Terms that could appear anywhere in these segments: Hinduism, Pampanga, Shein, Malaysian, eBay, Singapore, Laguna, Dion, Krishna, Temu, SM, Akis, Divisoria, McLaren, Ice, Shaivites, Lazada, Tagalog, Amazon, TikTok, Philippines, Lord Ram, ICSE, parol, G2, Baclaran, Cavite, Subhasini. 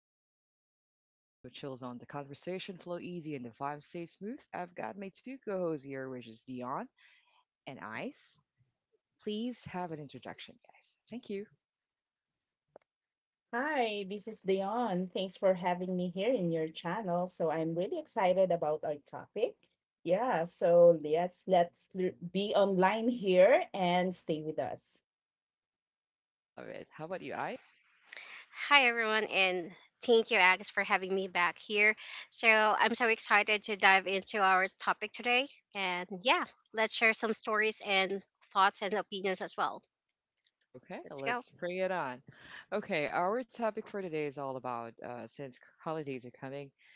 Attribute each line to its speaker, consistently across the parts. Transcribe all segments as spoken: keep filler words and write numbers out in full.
Speaker 1: is Akis again. You step into a chill zone. The conversation flow easy and the vibes stay smooth. I've got my two co-hosts here, which is Dion and Ice. Please have an introduction, guys. Thank you.
Speaker 2: Hi, this is Dion. Thanks for having me here in your channel. So I'm really excited about our topic. Yeah, so let's let's l- be online here and stay with us.
Speaker 1: Love it. How about you, Ice?
Speaker 3: Hi, everyone, and thank you, Alex, for having me back here. So, I'm so excited to dive into our topic today. And yeah, let's share some stories and thoughts and opinions as well. Let's
Speaker 1: Okay,
Speaker 3: go.
Speaker 1: let's bring it on. Okay, our topic for today is all about uh, since holidays are coming,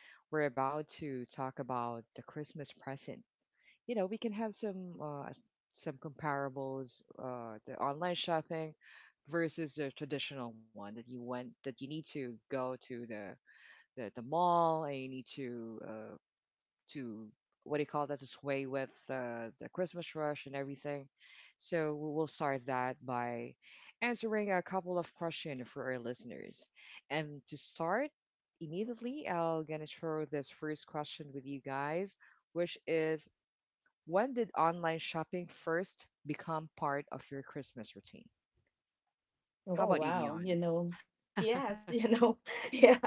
Speaker 1: we're about to talk about the Christmas present. You know we can have some uh, some comparables uh, the online shopping versus the traditional one that you went, that you need to go to the the, the mall, and you need to uh, to, what do you call that, the sway with uh, the Christmas rush and everything. So we'll start that by answering a couple of questions for our listeners, and to start immediately, I'll gonna throw this first question with you guys, which is, when did online shopping first become part of your Christmas routine?
Speaker 2: Oh
Speaker 1: How about you,
Speaker 2: wow, you
Speaker 1: Dion?
Speaker 2: know. Yes, you know. Yeah.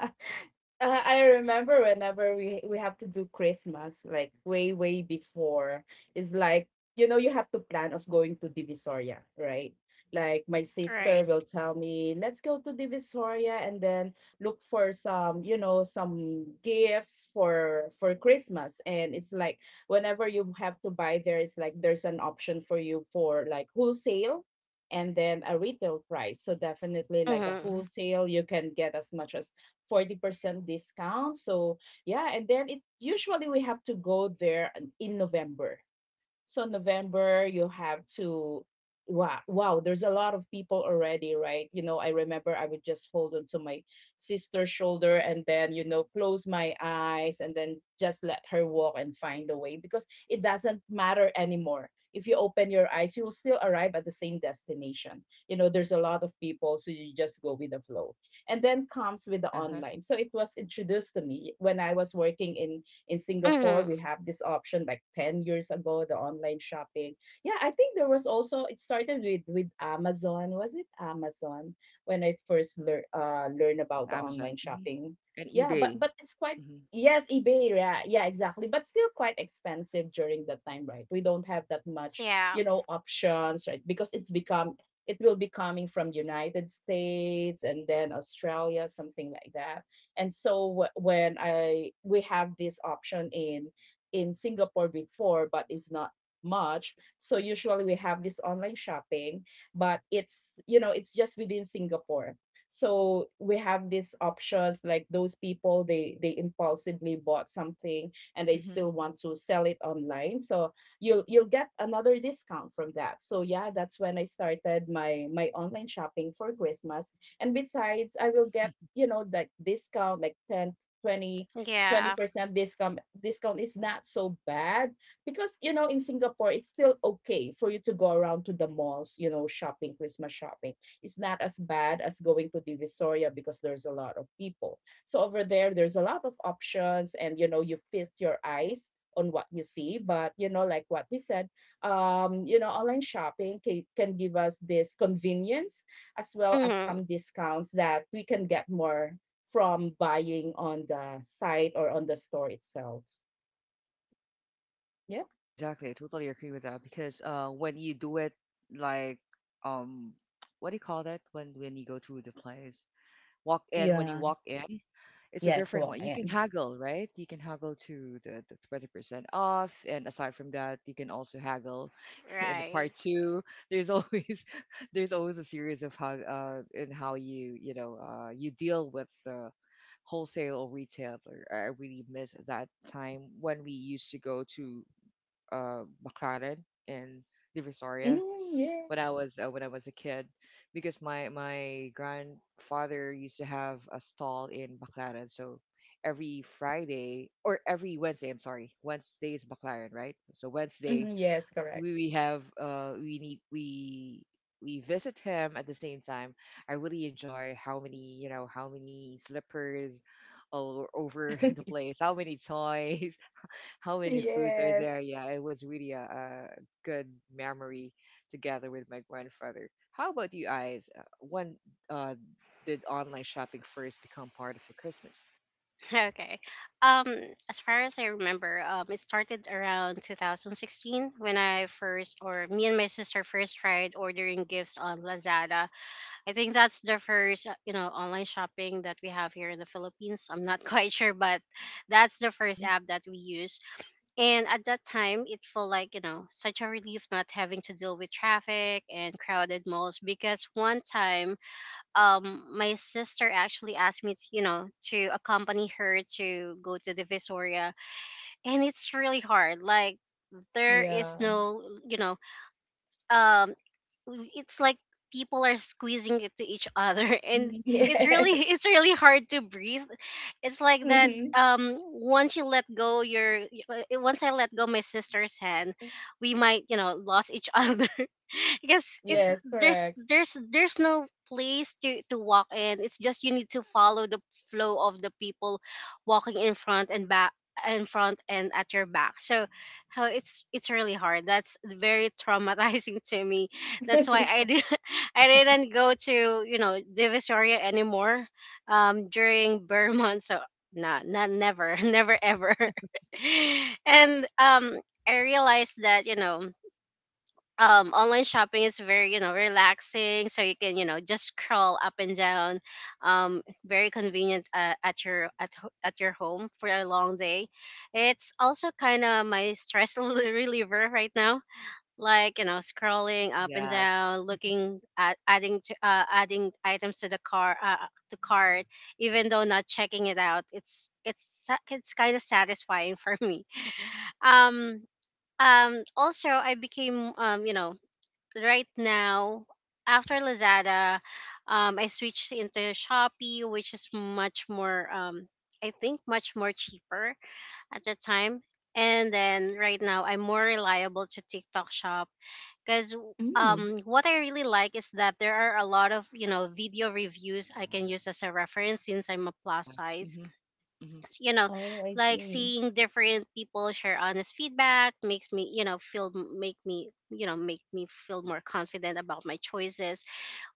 Speaker 2: Uh, I remember whenever we we have to do Christmas, like way way before. It's like you know you have to plan of going to Divisoria, right? Like my
Speaker 1: Yes.
Speaker 3: Right.
Speaker 2: sister will tell me, let's go to Divisoria and then look for some, you know, some gifts for for Christmas. And it's like whenever you have to buy there, it's like there's an option for you for like wholesale and then a retail price. So definitely
Speaker 1: Yeah.
Speaker 2: like a
Speaker 3: Mm-hmm.
Speaker 1: Hmm.
Speaker 2: wholesale, you can get as much as forty percent discount. So yeah, and then it usually we have to go there in November. So November, you have to wow, wow, there's a lot of people already, right? You know, I remember I would just hold onto my sister's shoulder and then, you know, close my eyes and
Speaker 1: Hmm.
Speaker 2: then just let her walk and find the way, because it doesn't matter anymore. If you open your eyes, you will still arrive at the same destination. You know, there's a lot of people, so you just go with the flow. And then comes with the
Speaker 1: Uh-huh.
Speaker 2: online. So it was introduced to me when I was working in in Singapore.
Speaker 3: Mm-hmm.
Speaker 2: We have this option like ten years ago, the online shopping. Yeah, I think there was also, it started with with Amazon. Was it Amazon when I first learn uh learn
Speaker 1: Yes,
Speaker 2: about the
Speaker 1: Amazon.
Speaker 2: online
Speaker 1: Hmm.
Speaker 2: shopping?
Speaker 1: And
Speaker 2: Yeah,
Speaker 1: eBay.
Speaker 2: but but it's
Speaker 1: Hmm.
Speaker 2: quite yes, eBay, yeah, yeah, exactly. But still quite expensive during that time, right? We don't have that much,
Speaker 3: Yeah.
Speaker 2: you know, options, right? Because it's become It will be coming from United States and then Australia, something like that. And so wh- when I we have this option in in Singapore before, but it's not much. So usually we have this online shopping, but it's, you know, it's just within Singapore. So we have these options like those people, they they impulsively bought something and they
Speaker 1: Hmm.
Speaker 2: still want to sell it online. So you'll you'll get another discount from that. So yeah, that's when I started my my online shopping for Christmas. And besides, I will get, you know, like discount like ten, twenty, twenty
Speaker 3: Yeah.
Speaker 2: percent discount. Discount is not so bad, because you know in Singapore it's
Speaker 1: Yes.
Speaker 2: still okay for you to go around to the malls, you know, shopping, Christmas shopping. It's not as bad as going to Divisoria, because there's a lot of people. So over there, there's a lot of options, and you know, you feast your eyes on what you see. But you know, like what we said, um you know, online shopping can, can give us this convenience, as well as
Speaker 3: Mm-hmm.
Speaker 2: some discounts that we can get more from buying on the site or on the store itself. Yeah.
Speaker 1: Yeah, exactly. I totally agree with that because uh, when you do it, like, um, what do you call that, when when you go to the place? Walk in. When you
Speaker 2: Yeah.
Speaker 1: walk in, it's a
Speaker 2: Yes,
Speaker 1: different
Speaker 2: walk
Speaker 1: one. You can
Speaker 2: in.
Speaker 1: haggle, right? You can haggle to the, the twenty percent off. And aside from that, you can also haggle in
Speaker 3: Right.
Speaker 1: part two. There's always, there's always a series of how uh in how you, you know, uh you deal with the wholesale or retailer. I really miss that time when we used to go to uh McLaren in the,
Speaker 2: Mm, yeah.
Speaker 1: when I was uh, when I was a kid, because my my grandfather used to have a stall in Baclaran. So every Friday or every Wednesday, I'm sorry, Wednesday is Baclaran, right? So
Speaker 2: Mhm,
Speaker 1: Wednesday
Speaker 2: yes, correct.
Speaker 1: we, we have uh we need we we visit him at the same time. I really enjoy, how many, you know, how many slippers all over the place, how many toys, how many foods are
Speaker 2: yes.
Speaker 1: there? Yeah, it was really a, a good memory together with my grandfather. How about you guys? Uh, When uh, did online shopping first become part of your Christmas?
Speaker 3: Okay. Um, as far as I remember, um, it started around two thousand sixteen when I first, or me and my sister first tried ordering gifts on Lazada. I think that's the first, uh, you know, online shopping that we have here in the Philippines. I'm not quite sure, but that's the first
Speaker 1: Hmm.
Speaker 3: app that we use. And at that time, it felt like, you know, such a relief not having to deal with traffic and crowded malls because one time, um, my sister actually asked me to, you know, to accompany her to go to the Visoria, and it's really hard. Like, there is
Speaker 2: Yeah.
Speaker 3: no, you know, um it's like people are squeezing it to each other and
Speaker 1: Hmm.
Speaker 3: it's really
Speaker 2: Yes.
Speaker 3: it's really hard to breathe. It's like that.
Speaker 2: Hmm.
Speaker 3: um once you let go your y- uh, once I let go my sister's hand, we might you know lost each other, because
Speaker 2: Yes,
Speaker 3: it's
Speaker 2: correct.
Speaker 3: there's there's there's no place to to walk in. It's just, you need to follow the flow of the people walking in front and back, in front and at your back. So how it's it's really hard. That's very traumatizing to me. That's why I did I didn't go to, you know, Divisoria anymore um during Burman. So, not not never, never ever. and um I realized that, you know, um online shopping is very, you know, relaxing. So you can, you know, just scroll up and down. Um very convenient, uh, at your at ho- at your home, for a long day. It's also kind of my stress reliever right now, like you know scrolling up and
Speaker 1: Yes.
Speaker 3: down, looking at, adding to, uh, adding items to the car, uh, to cart, even though not checking it out. It's it's sa- it's kind of satisfying for me. um um Also, I became, um you know right now, after Lazada, um I switched into Shopee, which is much more, um I think much more cheaper at the time. And then right now, I'm more reliable to TikTok shop because
Speaker 2: Mm.
Speaker 3: um what I really like is that there are a lot of you know video reviews I can use as a reference, since I'm a plus
Speaker 1: Yeah.
Speaker 3: size.
Speaker 1: Hmm. Hmm.
Speaker 3: S- you know,
Speaker 2: Oh, I
Speaker 3: like,
Speaker 2: see.
Speaker 3: seeing different people share honest feedback makes me you know feel make me you know make me feel more confident about my choices,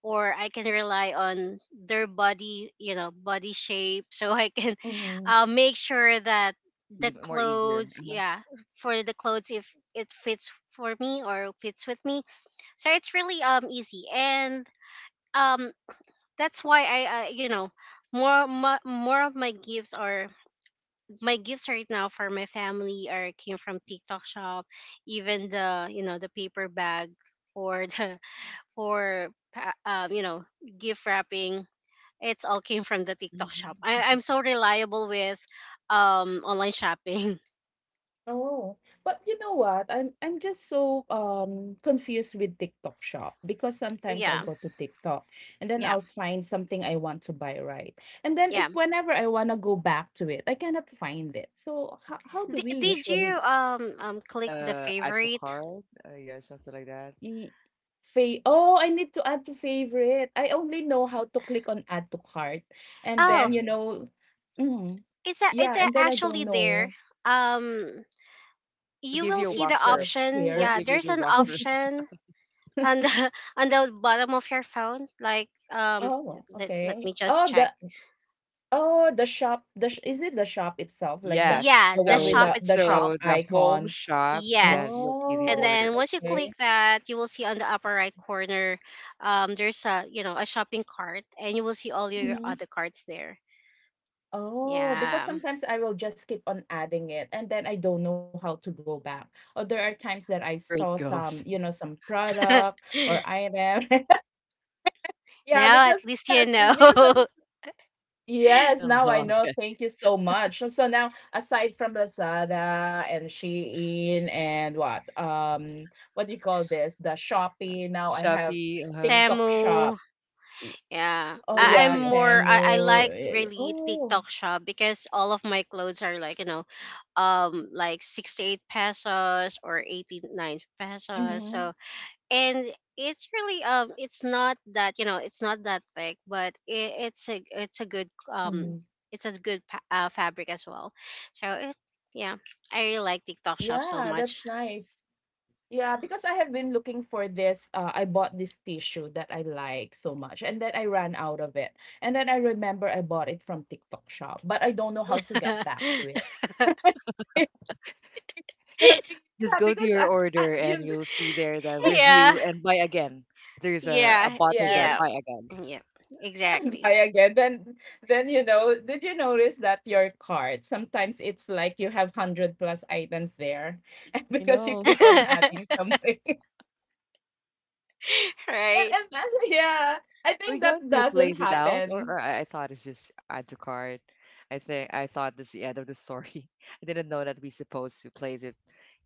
Speaker 3: or I can rely on their body, you know body shape. So I can,
Speaker 2: Mhm.
Speaker 3: uh, make sure that the
Speaker 1: Easy, more easier.
Speaker 3: clothes
Speaker 1: Uh-huh.
Speaker 3: yeah for the clothes if it fits for me or fits with me. So it's really um easy, and um that's why I, uh, you know more, more more of my gifts are, my gifts right now for my family, are came from TikTok shop. Even the, you know the paper bag for, the for pa- um you know gift wrapping, it's all came from the TikTok shop.
Speaker 1: Hmm.
Speaker 3: I, i'm so reliable with um online shopping.
Speaker 2: Oh, but you know what? I'm I'm just so um confused with TikTok shop, because sometimes I'll
Speaker 3: Yeah,
Speaker 2: go to TikTok and then
Speaker 3: yeah,
Speaker 2: I'll find something I want to buy, right? And then if
Speaker 3: yeah.
Speaker 2: whenever I want to go back to it, I cannot find it. So how how do
Speaker 3: Di-
Speaker 2: we
Speaker 3: did you
Speaker 2: usually
Speaker 3: um
Speaker 1: Did you
Speaker 3: um
Speaker 1: hit
Speaker 3: click the
Speaker 1: the add to
Speaker 3: favorite?
Speaker 1: cart? Uh, yeah, something like that.
Speaker 2: e fa oh, I need to add to favorite. I only know how to click on add to cart. And
Speaker 3: Oh,
Speaker 2: then, you
Speaker 1: Okay.
Speaker 2: know, mm,
Speaker 3: it's a,
Speaker 2: yeah,
Speaker 3: it's a,
Speaker 2: and then I
Speaker 3: actually
Speaker 2: don't
Speaker 3: there.
Speaker 2: know.
Speaker 3: Um,
Speaker 1: I'll
Speaker 3: you
Speaker 1: give
Speaker 3: will
Speaker 1: you a
Speaker 3: see
Speaker 2: It's
Speaker 3: the
Speaker 1: walkthrough.
Speaker 2: just
Speaker 3: option.
Speaker 1: We'll
Speaker 2: here.
Speaker 3: Yeah,
Speaker 1: give you
Speaker 3: there's
Speaker 1: the
Speaker 3: an
Speaker 1: walkthrough.
Speaker 3: option on the, on the bottom of your phone. Like, um,
Speaker 2: Oh,
Speaker 3: let, let
Speaker 2: okay.
Speaker 3: me just
Speaker 2: Oh,
Speaker 3: check.
Speaker 2: the Oh, the shop, the sh is it the shop itself, like the
Speaker 3: Yeah,
Speaker 1: Yes.
Speaker 2: the
Speaker 3: the
Speaker 2: one with
Speaker 1: So
Speaker 3: shop
Speaker 2: the the shop
Speaker 3: itself.
Speaker 1: so the home
Speaker 2: icon?
Speaker 1: shop, then you
Speaker 3: Yes.
Speaker 1: will see the
Speaker 3: And
Speaker 2: Oh,
Speaker 3: then
Speaker 1: order,
Speaker 3: once you
Speaker 2: okay.
Speaker 3: click that, you will see on the upper right corner, um, there's a, you know a shopping cart, and you will see all your
Speaker 2: Mhm.
Speaker 3: other carts there.
Speaker 2: Oh, because
Speaker 3: Yeah.
Speaker 2: sometimes I will just keep on adding it and then I don't know how to go back. Or there are times that I
Speaker 1: where
Speaker 2: saw
Speaker 1: it
Speaker 2: some,
Speaker 1: goes.
Speaker 2: you know, some product or item. Yeah,
Speaker 3: Now, at
Speaker 2: because
Speaker 3: least you
Speaker 2: yes, it's
Speaker 3: know.
Speaker 2: because some
Speaker 1: I
Speaker 2: yes, now I
Speaker 1: love
Speaker 2: know.
Speaker 1: it.
Speaker 2: Thank you so much. So so now, aside from Lazada and Shein and what, um, what do you call this? The Shopee. Now I have
Speaker 1: Shopee, uh-huh.
Speaker 2: TikTok
Speaker 3: Temu.
Speaker 2: Shop. Y-
Speaker 3: Yeah,
Speaker 2: Oh
Speaker 1: Temu,
Speaker 3: I, I'm
Speaker 2: yeah,
Speaker 1: yeah.
Speaker 3: more. I, I
Speaker 2: Temu.
Speaker 3: like,
Speaker 2: eh,
Speaker 3: really,
Speaker 2: Oh,
Speaker 3: TikTok shop because all of my clothes are, like you know, um, like sixty-eight pesos or eighty-nine pesos.
Speaker 2: mm-hmm,
Speaker 3: So, and it's really, um, it's not that, you know, it's not that thick, but it, it's a it's a good, um,
Speaker 2: mm-hmm.
Speaker 3: it's a good pa- uh, fabric as well. So, it, yeah, I really like TikTok shop so
Speaker 2: Yeah, that's
Speaker 3: much.
Speaker 2: nice. Yeah, because I have been looking for this. Uh, I bought this tissue that I like so much, and then I ran out of it. And then I remember I bought it from TikTok Shop, but I don't know how to get back to it. Yeah, be-
Speaker 1: Just
Speaker 2: yeah,
Speaker 1: go to
Speaker 2: because
Speaker 1: your
Speaker 2: I, I,
Speaker 1: order and
Speaker 2: you,
Speaker 1: you'll see there the
Speaker 3: Yeah,
Speaker 1: review and buy again. There's a, a
Speaker 3: yeah,
Speaker 1: button there,
Speaker 2: yes,
Speaker 3: yeah,
Speaker 1: buy again.
Speaker 3: yeah.
Speaker 2: I
Speaker 3: Exactly.
Speaker 2: buy again. Then, then you know, did you notice that your cart sometimes it's like you have hundred plus items there, and
Speaker 1: I
Speaker 2: because you
Speaker 1: know.
Speaker 2: keep on adding something, and and
Speaker 3: Right?
Speaker 2: that's, yeah, I
Speaker 1: Are we
Speaker 2: think
Speaker 1: going
Speaker 2: that
Speaker 1: to
Speaker 2: doesn't
Speaker 1: place it out, or,
Speaker 2: happen
Speaker 1: or I, I thought it's just add to cart. I think I thought that's the end of the story. I didn't know that we supposed to place it,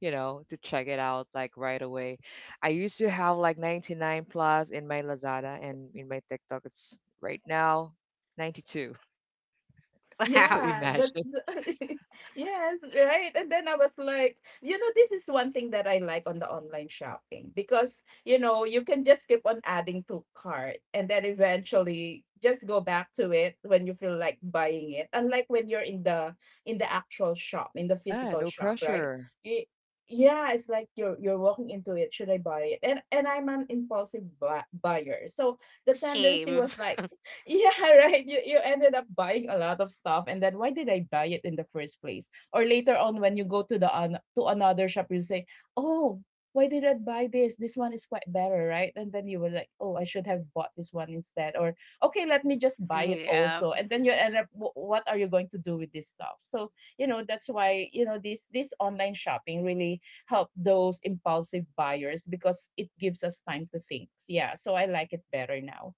Speaker 1: you know, to check it out like right away. I used to have like ninety-nine plus in my Lazada and in my TikTok. It's right now ninety-two. So
Speaker 3: Wow.
Speaker 1: imagine.
Speaker 2: yeah, that's the yes, right. And then I was like, you know, this is one thing that I like on the online shopping, because you know, you can just keep on adding to cart and then eventually just go back to it when you feel like buying it. Unlike when you're in the in the actual shop, in the
Speaker 1: Yeah,
Speaker 2: physical
Speaker 1: no
Speaker 2: shop, right?
Speaker 1: pressure.
Speaker 2: Y- yeah, it's like you're you're walking into it. Should I buy it? And and I'm an impulsive bu- buyer, so the tendency
Speaker 3: Same.
Speaker 2: was like yeah, right. You you ended up buying a lot of stuff and then why did I buy it in the first place? Or later on when you go to the an to another shop you say, "Oh, why did I buy this? This one is quite better, right?" And then you were like, "Oh, I should have bought this one instead." Or, "Okay, let me just buy it
Speaker 3: Yeah.
Speaker 2: also." And then you end up wh- what are you going to do with this stuff? So, you know, that's why, you know, this this online shopping really help those impulsive buyers, because it gives us time to think. Yeah, so I like it better now.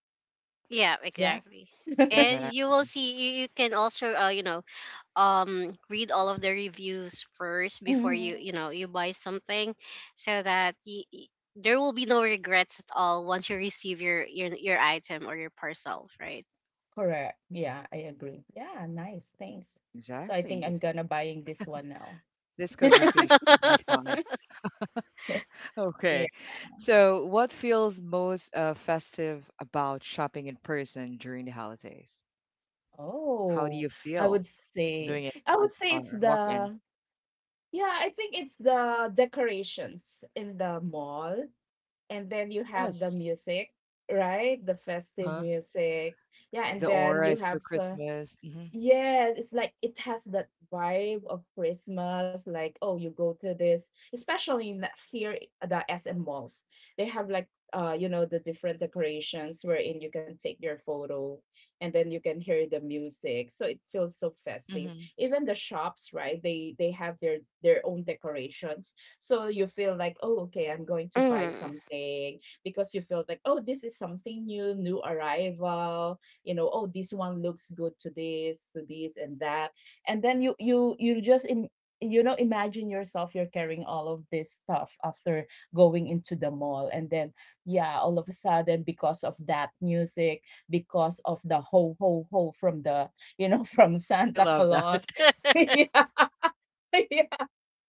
Speaker 3: Yeah,
Speaker 2: Yeah.
Speaker 3: exactly. And you will
Speaker 1: Exactly.
Speaker 3: see, you, you can also, uh, you know um read all of the reviews first before you
Speaker 2: Mhm.
Speaker 3: you know you buy something, so that y y- there will be no regrets at all once you receive your your, your item or your parcel, right?
Speaker 2: Correct. Yeah, I agree. Yeah, nice. Thanks. So I think
Speaker 1: Exactly.
Speaker 2: I'm gonna buying this one now.
Speaker 1: This conversation will be fun.
Speaker 2: Yeah.
Speaker 1: Okay. So, what feels most uh, festive about shopping in person during the holidays? How do
Speaker 2: Oh,
Speaker 1: you
Speaker 2: I
Speaker 1: feel
Speaker 2: would say
Speaker 1: doing it
Speaker 2: I
Speaker 1: on
Speaker 2: would
Speaker 1: s-
Speaker 2: say it's
Speaker 1: or walk in?
Speaker 2: the yeah, I think it's the decorations in the mall, and then you have the
Speaker 1: Yes.
Speaker 2: music, right? The festive
Speaker 1: Uh-huh.
Speaker 2: music. Yeah, and
Speaker 1: The
Speaker 2: then
Speaker 1: aura
Speaker 2: you
Speaker 1: is so
Speaker 2: have the.
Speaker 1: Christmas. Hmm.
Speaker 2: Yes, it's like it has that vibe of Christmas. Like, oh, you go to this, especially in the, here at the S M malls. They have like uh, you know, the different decorations wherein you can take your photo, and then you can hear the music. So it feels so festive.
Speaker 1: Hmm.
Speaker 2: Even the shops, right? They they have their their own decorations. So you feel like, oh, okay, I'm going to buy
Speaker 3: Mm.
Speaker 2: something, because you feel like, oh, this is something new, new arrival, you know. Oh, this one looks good, to this to this and that. And then you you you just Im- you know, imagine yourself you're carrying all of this stuff after going into the mall, and then yeah, all of a sudden because of that music, because of the ho ho ho from the, you know, from
Speaker 1: I
Speaker 2: Santa
Speaker 1: love that.
Speaker 2: Claus. Yeah, yeah,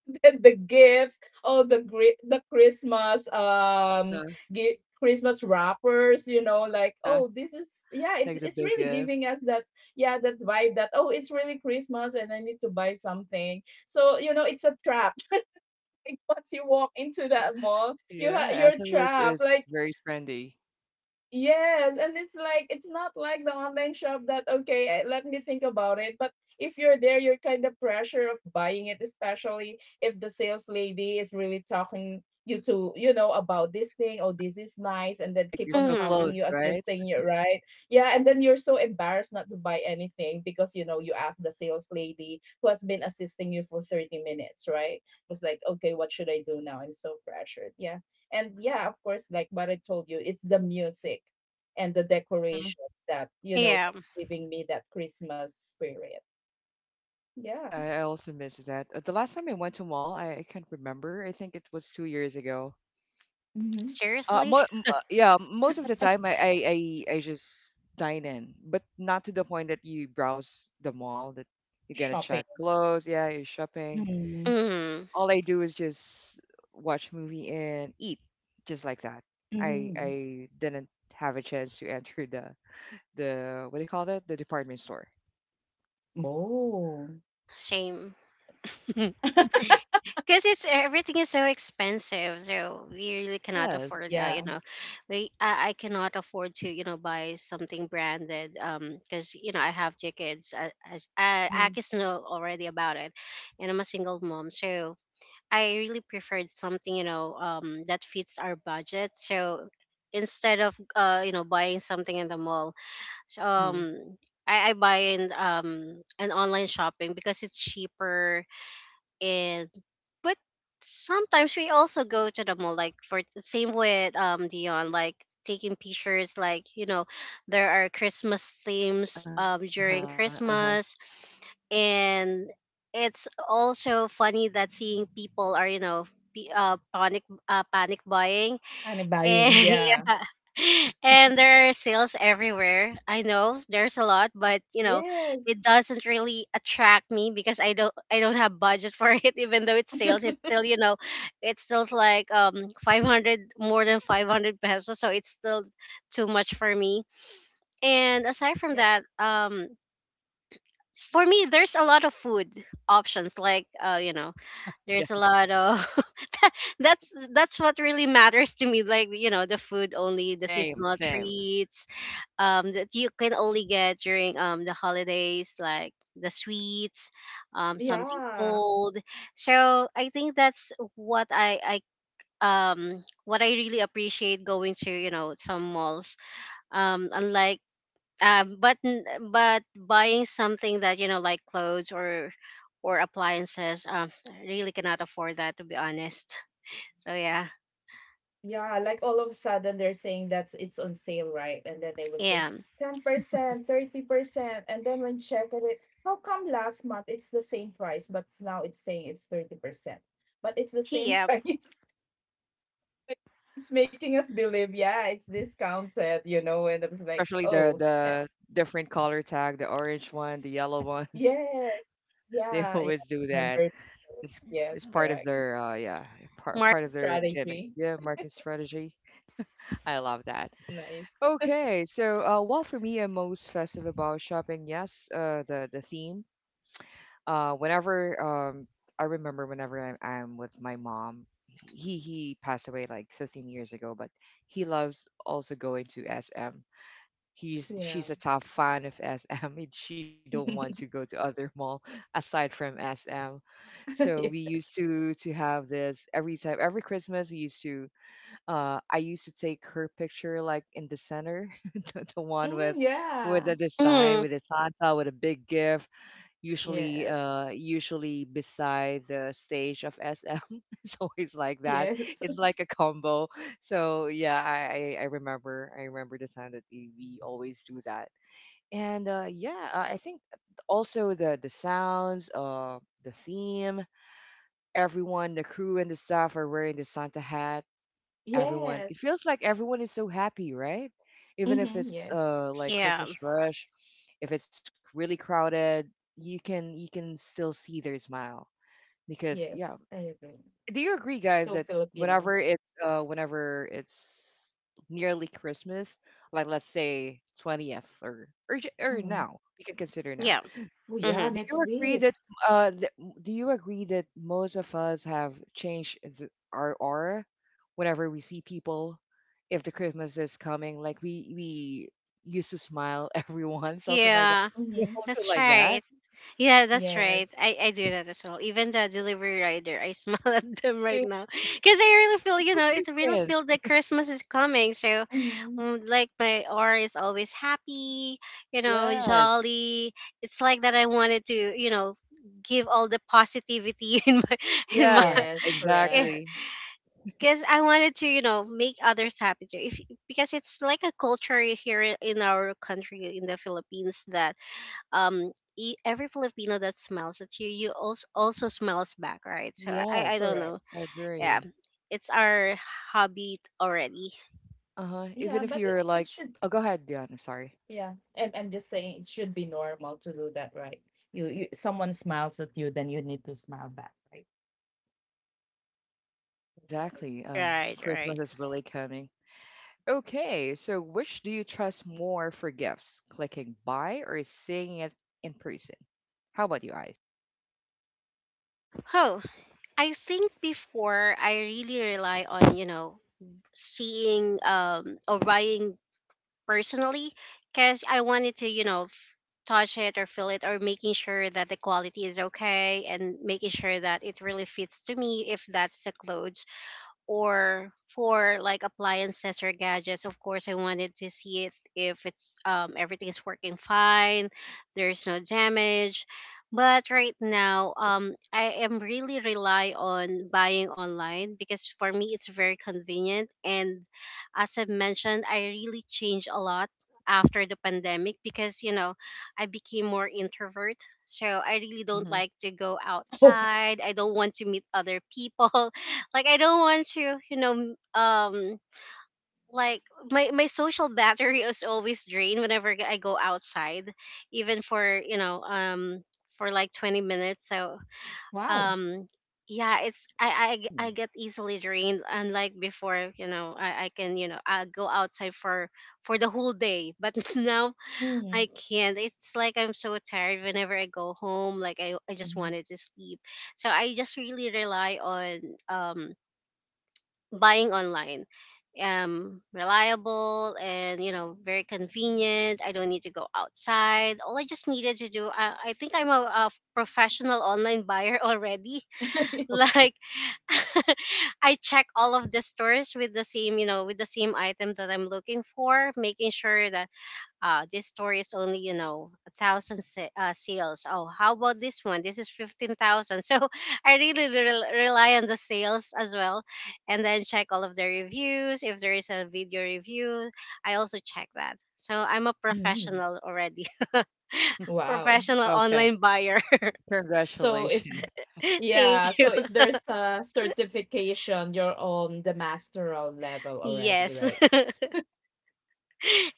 Speaker 2: the gifts, all the gri- the Christmas um
Speaker 1: Uh-huh.
Speaker 2: gi- Christmas wrappers, you know, like
Speaker 1: Uh-huh.
Speaker 2: oh this is yeah, it,
Speaker 1: Like the
Speaker 2: it's
Speaker 1: big
Speaker 2: really
Speaker 1: gift.
Speaker 2: giving us that yeah, that vibe that oh it's really Christmas and I need to buy something. So you know it's a trap. Like, once you walk into that mall, you ha-
Speaker 1: Yeah,
Speaker 2: you're
Speaker 1: S M S
Speaker 2: trapped.
Speaker 1: is
Speaker 2: Like
Speaker 1: very trendy.
Speaker 2: yes, and it's like it's not like the online shop that okay, eh, let me think about it. But if you're there, you're kind of pressure of buying it, especially if the sales lady is really talking you to, you know, about this thing, oh, this is nice, and then
Speaker 1: Like
Speaker 2: keep
Speaker 1: you're
Speaker 2: on
Speaker 1: so
Speaker 2: helping
Speaker 1: close,
Speaker 3: Mm.
Speaker 2: you,
Speaker 1: right?
Speaker 2: assisting you, right? Yeah, and then you're so embarrassed not to buy anything, because you know you asked the sales lady who has been assisting you for thirty minutes, right? It was like, okay, what should I do now? I'm so pressured. Yeah, and yeah, of course, like what I told you, it's the music and the
Speaker 1: Mm-hmm.
Speaker 2: decorations that you know,
Speaker 3: Yeah,
Speaker 2: that's giving me that Christmas spirit.
Speaker 1: Yeah,
Speaker 2: Yeah.
Speaker 1: I I also miss that. Uh, The last time I went to mall, I, I can't remember. I think it was two years ago.
Speaker 2: Mhm.
Speaker 1: Uh,
Speaker 3: seriously.
Speaker 1: mo- m- uh, yeah, most of the time I, I I I just dine in, but not to the point that you browse the mall that you're gonna
Speaker 2: Shopping.
Speaker 1: check clothes, yeah, you're shopping.
Speaker 2: Mm.
Speaker 3: Mm.
Speaker 1: All I do is just watch movie and eat, just like that. I
Speaker 2: Mhm.
Speaker 1: I didn't have a chance to enter the the what do you call that? The department store.
Speaker 2: Oh,
Speaker 3: Shame. Because it's e, everything is so expensive, so we really cannot
Speaker 1: Yes.
Speaker 3: afford, uh, you
Speaker 2: yeah.
Speaker 3: know we I, I cannot afford to you know buy something branded, um because you know I have two kids, uh, as, uh,
Speaker 1: Mhm.
Speaker 3: akis know already about it, and I'm a single mom, so I really preferred something, you know um that fits our budget. So instead of, uh you know buying something in the mall. So,
Speaker 1: Mhm.
Speaker 3: um I, I buy in um an online shopping because it's cheaper. And, but sometimes we also go to the mall, like, for the same with um Dion, like taking pictures, like, you know there are Christmas themes um
Speaker 1: Uh-huh.
Speaker 3: during
Speaker 1: Uh-huh.
Speaker 3: Christmas, and it's also funny that seeing people are, you know p- uh, panic uh, panic buying,
Speaker 2: And
Speaker 3: and
Speaker 2: buying. Yeah.
Speaker 3: yeah. And there are sales everywhere. I know there's a lot, but, you know, it
Speaker 2: Yes.
Speaker 3: doesn't really attract me because I don't I don't have budget for it, even though it's sales. It's still, you know, it's still like, um five hundred, more than five hundred pesos, so it's still too much for me. And aside from
Speaker 2: Yeah.
Speaker 3: that, um for me, there's a lot of food options, like, uh you know, there's a
Speaker 1: Yes.
Speaker 3: lot of that's that's what really matters to me, like, you know the food, only the
Speaker 1: Same,
Speaker 3: seasonal
Speaker 1: same.
Speaker 3: treats um that you can only get during um the holidays, like the sweets, um something
Speaker 2: Yeah.
Speaker 3: cold. So I think that's what i i um what I really appreciate, going to, you know some malls, um unlike, um but n- but buying something that, you know like clothes, or or appliances, um I really cannot afford that, to be honest. So, yeah.
Speaker 2: Yeah, like all of a sudden they're saying that it's on sale, right? And then they will
Speaker 3: Yeah.
Speaker 2: say ten percent, thirty percent. And then when check on it, how come last month it's the same price, but now it's saying it's thirty percent? But it's the same
Speaker 3: Yeah.
Speaker 2: price. It's making us believe, yeah, it's discounted, you know? And I was like,
Speaker 1: Especially the
Speaker 2: oh, eh,
Speaker 1: the different color tag, the orange one, the yellow ones.
Speaker 2: yeah,
Speaker 1: They
Speaker 2: yeah, yeah.
Speaker 1: always do that.
Speaker 2: Remember,
Speaker 1: It's it's
Speaker 2: yes,
Speaker 1: part of
Speaker 2: correct.
Speaker 1: their uh yeah, part
Speaker 3: Mark.
Speaker 1: part of their gimmicks.
Speaker 2: Strategy.
Speaker 1: Yeah, marketing strategy. I love that.
Speaker 2: Nice.
Speaker 1: Okay, so uh well for me I'm most festive about shopping, yes, uh the the theme. Uh whenever um I remember whenever I'm I'm with my mom, he he passed away like fifteen years ago, but he loves also going to S M, he's, she's
Speaker 2: Yeah.
Speaker 1: a top fan of S M and she don't want to go to other mall aside from S M. So we used
Speaker 2: Yes.
Speaker 1: to to have this every time, every Christmas we used to uh I used to take her picture like in the center, the, the one with
Speaker 2: Mm,
Speaker 1: with the
Speaker 2: yeah.
Speaker 1: design,
Speaker 3: Mm,
Speaker 1: with the Santa with a big gift, usually
Speaker 2: Yes.
Speaker 1: uh usually beside the stage of S M. It's always like that.
Speaker 2: Yes.
Speaker 1: It's like a combo. So yeah, I I, I remember I remember the time that we, we always do that. And uh yeah, I I think also the the sounds, uh the theme, everyone, the crew and the staff are wearing the Santa hat, everyone, it
Speaker 2: Yes.
Speaker 1: feels like everyone is so happy, right? Even if
Speaker 2: Mhm,
Speaker 1: it's
Speaker 2: yes.
Speaker 1: uh like
Speaker 3: yeah,
Speaker 1: Christmas rush, if it's really crowded, you can you can still see their smile, because yeah.
Speaker 2: Yes, I agree.
Speaker 1: Do you agree guys that
Speaker 2: So
Speaker 1: whenever
Speaker 2: Filipino.
Speaker 1: it's uh whenever it's nearly Christmas, like let's say twentieth, or or, j- or
Speaker 2: Mhm.
Speaker 1: now we can consider now,
Speaker 3: yeah,
Speaker 2: Oh,
Speaker 3: hmm,
Speaker 2: yeah,
Speaker 1: do you
Speaker 2: next
Speaker 1: agree that
Speaker 2: week.
Speaker 1: uh th- do you agree that most of us have changed th- our aura whenever we see people, if the Christmas is coming? Like we we used to smile, everyone, something like that.
Speaker 3: yeah.
Speaker 1: You
Speaker 2: Mhm.
Speaker 1: also
Speaker 3: That's
Speaker 1: like that?
Speaker 3: right. Yeah, that's right.
Speaker 2: Yes.
Speaker 3: I, I do that as well. Even the delivery rider, I smile at them right
Speaker 1: It
Speaker 3: now, because I really feel you
Speaker 1: feels
Speaker 3: know it really
Speaker 1: different.
Speaker 3: feel that Christmas is coming. So,
Speaker 2: Mhm.
Speaker 3: um, like, my aura is always happy, you know,
Speaker 1: Yes.
Speaker 3: jolly. It's like that. I wanted to, you know give all the positivity in my in my
Speaker 1: Yeah,
Speaker 2: Yes,
Speaker 1: exactly.
Speaker 2: correct.
Speaker 3: because I wanted to, you know, make others happy too. If Because it's like a culture here, i- in our country, in the Philippines, that um e- every Filipino that smiles at you, you also also smiles back, right? So I I
Speaker 1: Yes.
Speaker 3: don't know.
Speaker 2: Correct.
Speaker 1: I
Speaker 3: Yeah,
Speaker 1: agree.
Speaker 3: it's our hobby already.
Speaker 1: Uh-huh. Even
Speaker 2: Yeah,
Speaker 1: if
Speaker 2: but
Speaker 1: you're
Speaker 2: it,
Speaker 1: like,
Speaker 2: it should,
Speaker 1: oh, go ahead, Dion. I'm sorry.
Speaker 2: yeah. I'm I'm just saying it should be normal to do that, right? You you Someone smiles at you, then you need to smile back, right?
Speaker 1: Yeah,
Speaker 2: That's what I...
Speaker 1: exactly. Uh,
Speaker 3: Right,
Speaker 1: Christmas
Speaker 3: right.
Speaker 1: is really coming. Okay, so which do you trust more for gifts? Clicking buy or seeing it in person? How about you, Ice?
Speaker 3: Oh, I think before, I really rely on, you know seeing, um or buying personally, because I wanted to, you know, f- touch it or feel it, or making sure that the quality is okay, and making sure that it really fits to me if that's the clothes, or for like appliances or gadgets. Of course, I wanted to see it, if it's um, everything is working fine, there's no damage. But right now, um, I am really rely on buying online because, for me, it's very convenient. And as I mentioned, I really changed a lot after the pandemic because, you know I became more introvert. So I really don't
Speaker 1: Mm-hmm.
Speaker 3: like to go
Speaker 2: Oh,
Speaker 3: outside. I don't want to meet other people, like, I don't want to, you know um like, my my social battery is always drained whenever I go outside, even for, you know um for like twenty minutes. So,
Speaker 2: wow.
Speaker 3: um yeah, it's i i, I
Speaker 1: Oh,
Speaker 3: get easily drained, unlike before, you know i, I can, you know I go outside for for the whole day, but now
Speaker 2: Hmm.
Speaker 3: I can't. It's like I'm so tired whenever I go home, like, i, I just
Speaker 1: mm-hmm.
Speaker 3: wanted to sleep. So I just really rely on um buying online. Um reliable, and, you know very convenient. I don't need to go outside. All I just needed to do, i, I think, i'm a, a professional online buyer already.
Speaker 1: Okay.
Speaker 3: Like, I check all of the stores with the same, you know with the same item that I'm looking for, making sure that, uh, this story is only, you know a thousand sa- uh, sales. Oh, how about this one? This is fifteen thousand. So, I really rel- rely on the sales as well. And then check all of the reviews. If there is a video review, I also check that. So I'm a
Speaker 2: Mm.
Speaker 3: professional already.
Speaker 2: Wow.
Speaker 3: Professional
Speaker 1: Okay.
Speaker 3: online buyer.
Speaker 2: So if,
Speaker 1: Congratulations.
Speaker 2: yeah,
Speaker 3: Thank you.
Speaker 2: so if there's a certification, you're on the masteral level already,
Speaker 3: Yes.
Speaker 2: right?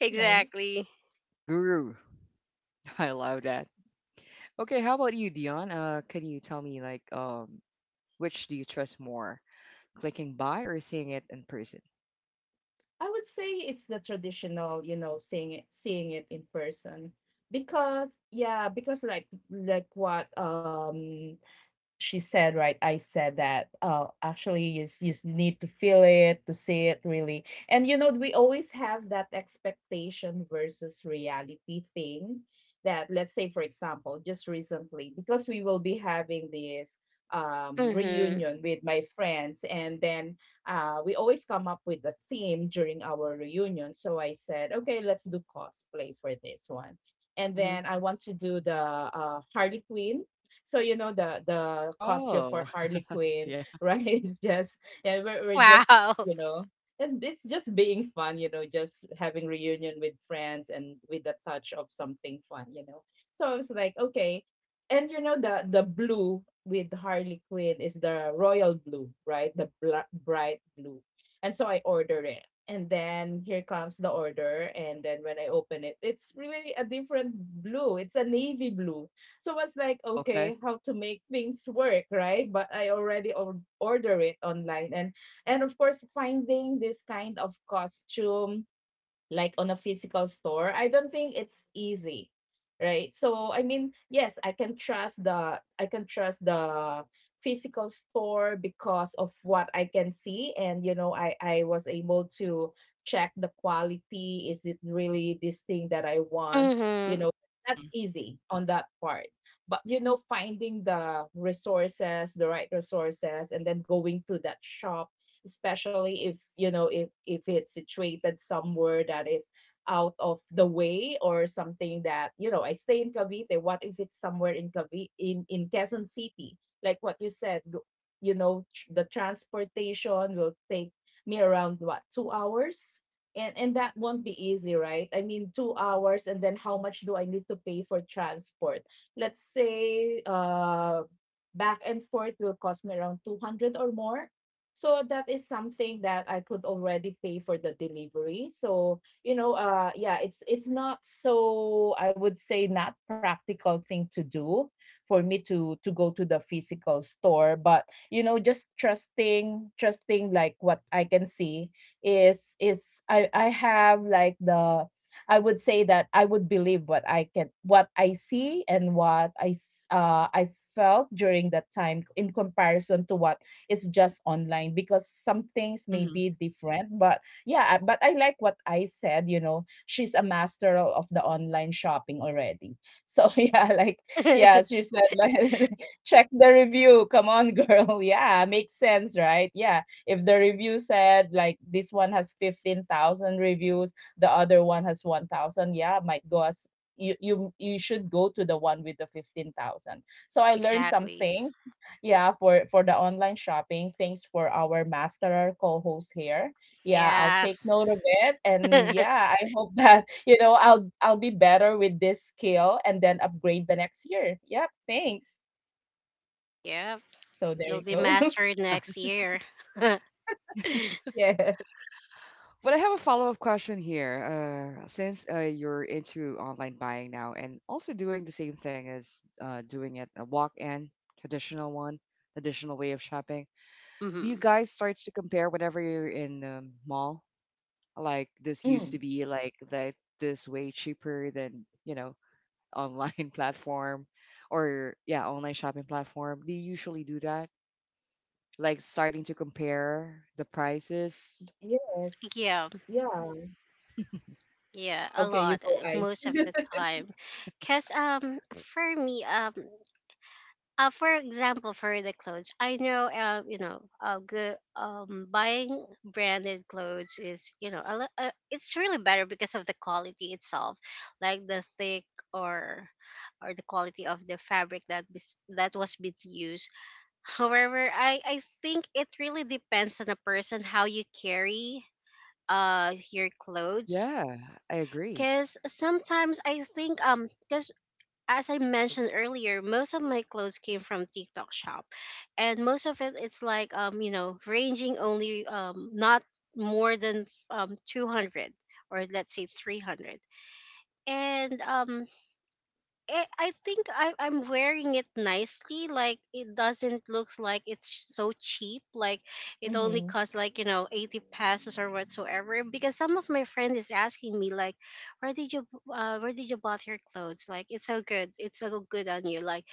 Speaker 2: It's nice.
Speaker 1: A guru. I love that. Okay, how about you, Dion? Uh, can you tell me like um which do you trust more? Clicking buy or seeing it in person?
Speaker 2: I would say it's the traditional, you know, seeing it seeing it in person. Because yeah, because like like what um she said, right? I said that uh, actually you, s- you s- need to feel it, to see it really. And you know, we always have that expectation versus reality thing that, let's say, for example, just recently, because we will be having this um,
Speaker 3: mm-hmm.
Speaker 2: reunion with my friends, and then uh, we always come up with a theme during our reunion. So I said, okay, let's do cosplay for this one. And
Speaker 1: Mm-hmm.
Speaker 2: then I want to do the uh, Harley Quinn. So you know the the costume for
Speaker 1: Oh,
Speaker 2: Harley Quinn,
Speaker 1: yeah.
Speaker 2: right? It's just, yeah, we're, we're just,
Speaker 3: wow
Speaker 2: you know, it's it's just being fun, you know, just having reunion with friends and with a touch of something fun, you know. So I was like, okay, and you know the the blue with Harley Quinn is the royal blue, right? The bla- bright blue, and so I ordered it. And then here comes the order. And then when I open it, it's really a different blue. It's a navy blue. So I was like,
Speaker 1: Oh, okay.
Speaker 2: okay, how to make things work, right? But I already or- order it online, and and of course, finding this kind of costume like on a physical store, I don't think it's easy, right? So I mean, yes, I can trust the, I can trust the physical store because of what I can see, and you know, i i was able to check the quality, is it really this thing that I want, you
Speaker 3: mm-hmm.
Speaker 2: know?
Speaker 1: Mm-hmm.
Speaker 2: That's easy on that part. But you know, finding the resources, the right resources, and then going to that shop, especially if you know, if if it's situated somewhere that is out of the way or something, that you know, I stay in Cavite. What if it's somewhere in Cavite, in in Quezon City, like what you said? go- You know, tr- the transportation will take me around what, two hours. And, and that won't be easy, right? I mean, two hours, and then how much do I need to pay for transport? Let's say uh, back and forth will cost me around two hundred or more, so that is something that I could already pay for the delivery. So, you know, uh, yeah, it's it's not, so I would say not practical thing to do for me to to go to the physical store, but you know, just trusting trusting like what I can see is is I I have like the, I would say that I would believe what I can, what I see, and what I s- uh I felt during that time in comparison to what, it's just online because some things may
Speaker 1: Mm-hmm.
Speaker 2: be different. But yeah, but I like what I said, you know, she's a master o- of the online shopping already, so yeah, like, yeah, she said like check the
Speaker 1: Yeah,
Speaker 2: review, come on girl. Yeah, makes sense, right? Yeah, if the review said like this one has fifteen thousand reviews, the other one has one thousand, yeah, might go as, you, you you should go to the one with the fifteen thousand. So I learned
Speaker 3: exactly
Speaker 2: something, yeah, for for the online shopping. Thanks for our master co-host here. Yeah, I'll
Speaker 3: yeah
Speaker 2: take note of it, and yeah, I hope that you know, I'll I'll be better with this skill and then upgrade the next year. Yep, thanks.
Speaker 3: yeah
Speaker 2: So there you
Speaker 3: You'll be
Speaker 2: go.
Speaker 1: I love
Speaker 3: mastered
Speaker 1: that.
Speaker 3: next year.
Speaker 2: Yes.
Speaker 1: But I have a follow-up question here. Uh, since uh, you're into online buying now and also doing the same thing as uh, doing it a walk-in, traditional one, traditional way of shopping, do
Speaker 3: hmm
Speaker 1: you guys start to compare whenever you're in the mall? Like, this
Speaker 2: Mm,
Speaker 1: used to be like that, this way cheaper than, you know, online platform, or yeah, online shopping platform. Do you usually do that? Like starting to compare the prices.
Speaker 2: yes.
Speaker 3: Yeah,
Speaker 2: Yeah.
Speaker 3: yeah, a
Speaker 2: Okay, you
Speaker 3: lot,
Speaker 2: go,
Speaker 3: uh,
Speaker 2: Ice.
Speaker 3: most of the time. Cause um, for me um, uh, for example, for the clothes, I know um, you know, uh, good um, buying branded clothes is you know, a, li- uh, it's really better because of the quality itself, like the thick or or the quality of the fabric that bes- that was being used. However, I, I think it really depends on the person how you carry uh your clothes.
Speaker 1: Yeah, I agree.
Speaker 3: Cause sometimes I think um because As I mentioned earlier, most of my clothes came from TikTok shop. And most of it it's like um, you know, ranging only um not more than um two hundred or let's say three hundred. And um I I think I, I'm wearing it nicely. Like it doesn't looks like it's so cheap. Like it only
Speaker 2: Mm-hmm.
Speaker 3: costs like you know eighty pesos or whatsoever. Because some of my friend is asking me like, where did you uh, where did you bought your clothes? Like it's so good. It's so good on you. Like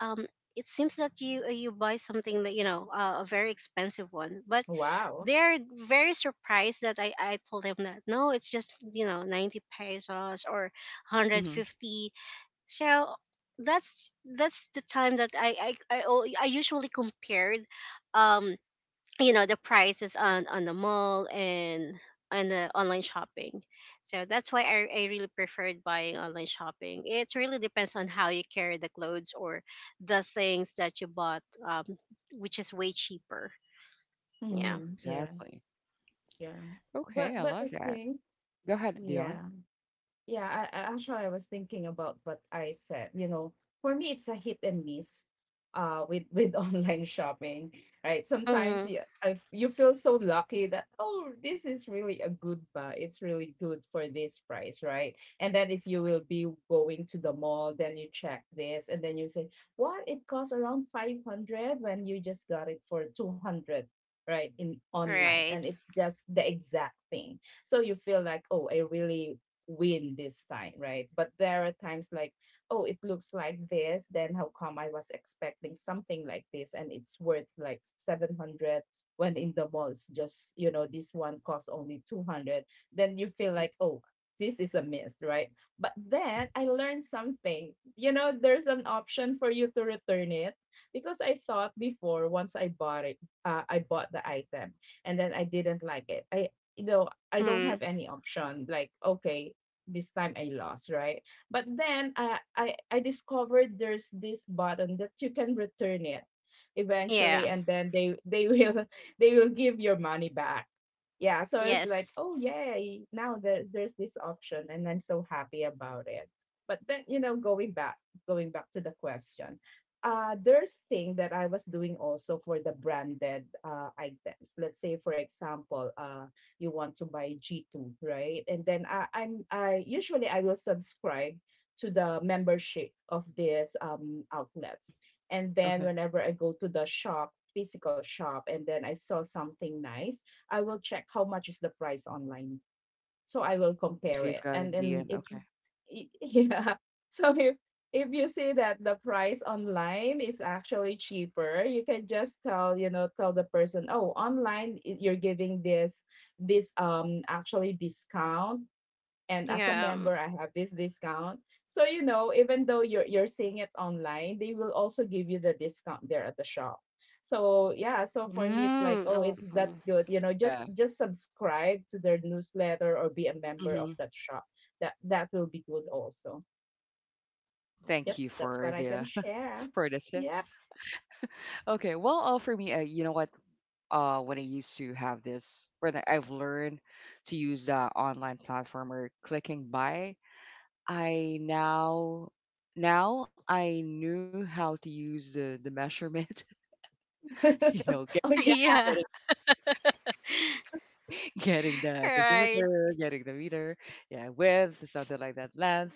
Speaker 3: um. It seems that you uh, you buy something that you know uh, a very expensive one, but
Speaker 2: Wow.
Speaker 3: they're very surprised that I, I told them that no, it's just you know ninety pesos or one hundred
Speaker 1: Hmm.
Speaker 3: fifty So that's that's the time that I I I, al- I usually compared um you know the prices on on the mall and on the online shopping. So that's why I, I really preferred buying online shopping. It really depends on how you carry the clothes or the things that you bought um, which is way cheaper. yeah
Speaker 2: Mm-hmm. Yeah.
Speaker 1: Exactly.
Speaker 2: Yeah. But
Speaker 1: Okay, I
Speaker 2: but I
Speaker 1: love that.
Speaker 2: think,
Speaker 1: Go ahead,
Speaker 2: yeah.
Speaker 1: Dion.
Speaker 2: Yeah, I, I actually I was thinking about what I said. You know, for me it's a hit and miss uh with with online shopping, right? Sometimes
Speaker 3: mm-hmm.
Speaker 2: you, I, you feel so lucky
Speaker 1: Great.
Speaker 2: that, oh, this is really a good buy. It's really good for this price, right? And then if you will be going to the mall, then you check this and then you say, "What? It costs around five hundred when you just got it for two hundred," right, in online, and
Speaker 3: right
Speaker 2: it's just the exact thing. So you feel like, oh, I really win this time, right? But there are times like, oh, it looks like this, then how come I was expecting something like this and it's worth like seven hundred when in the malls just, you know, this one costs only two hundred. Then you feel like,
Speaker 1: Hmm.
Speaker 2: oh, this is a miss, right? But then I
Speaker 1: Hmm.
Speaker 2: learned something. You know, there's an option for you to return it, because I thought before once I bought it, uh, I bought the item and then I didn't like it. I You know, I don't
Speaker 3: mm
Speaker 2: have any option. Like, okay, this time I lost, right? But then I I I discovered there's this button that you can return it
Speaker 3: yeah
Speaker 2: eventually, and then they they will they will give your money back. Yeah, so I was
Speaker 3: yes
Speaker 2: like, oh yay! Now there, there's this option, and I'm so happy about it. But then you know, going back going back to the question, uh, there's thing that I was doing also for the branded uh, items. Let's say, for example, uh, you want to buy G two, right? And then I, I'm I usually I will subscribe to the membership of these um, outlets.
Speaker 1: Hmm.
Speaker 2: And then
Speaker 1: Okay.
Speaker 2: whenever I go to the shop, physical shop, and then I saw something nice, I will check how much is the price online, so I will
Speaker 1: Oh,
Speaker 2: compare
Speaker 1: so you've
Speaker 2: it.
Speaker 1: got a
Speaker 2: And then
Speaker 1: D M.
Speaker 2: if
Speaker 1: Okay.
Speaker 2: y- yeah, so if if you see that the price online is actually cheaper, you can just tell, you know, tell the person, oh online i- you're giving this, this um actually discount, and as a
Speaker 3: yeah
Speaker 2: member I have this discount. So you know, even though you're you're seeing it online, they will also give you the discount there at the shop. So yeah, so for me it's like,
Speaker 3: mm
Speaker 2: oh,
Speaker 3: Oh.
Speaker 2: it's, that's good. You know, just
Speaker 1: Yeah.
Speaker 2: just subscribe to their newsletter or be a member of that
Speaker 1: Hmm.
Speaker 2: shop. That, that will be good also. Yep,
Speaker 1: Thank you
Speaker 2: that's what I
Speaker 1: for
Speaker 2: can
Speaker 1: the
Speaker 2: share.
Speaker 1: for the
Speaker 2: Yep.
Speaker 1: tips. Okay. Well, all for me. Uh, you know what? Uh, when I used to have this, when I- I've learned to use the online platform or clicking buy, I now now I knew how to use the the measurement. You know, get,
Speaker 2: Oh yeah.
Speaker 1: getting,
Speaker 3: yeah
Speaker 1: getting the
Speaker 3: right
Speaker 1: centimeter, getting the meter, yeah, width, something like that, length.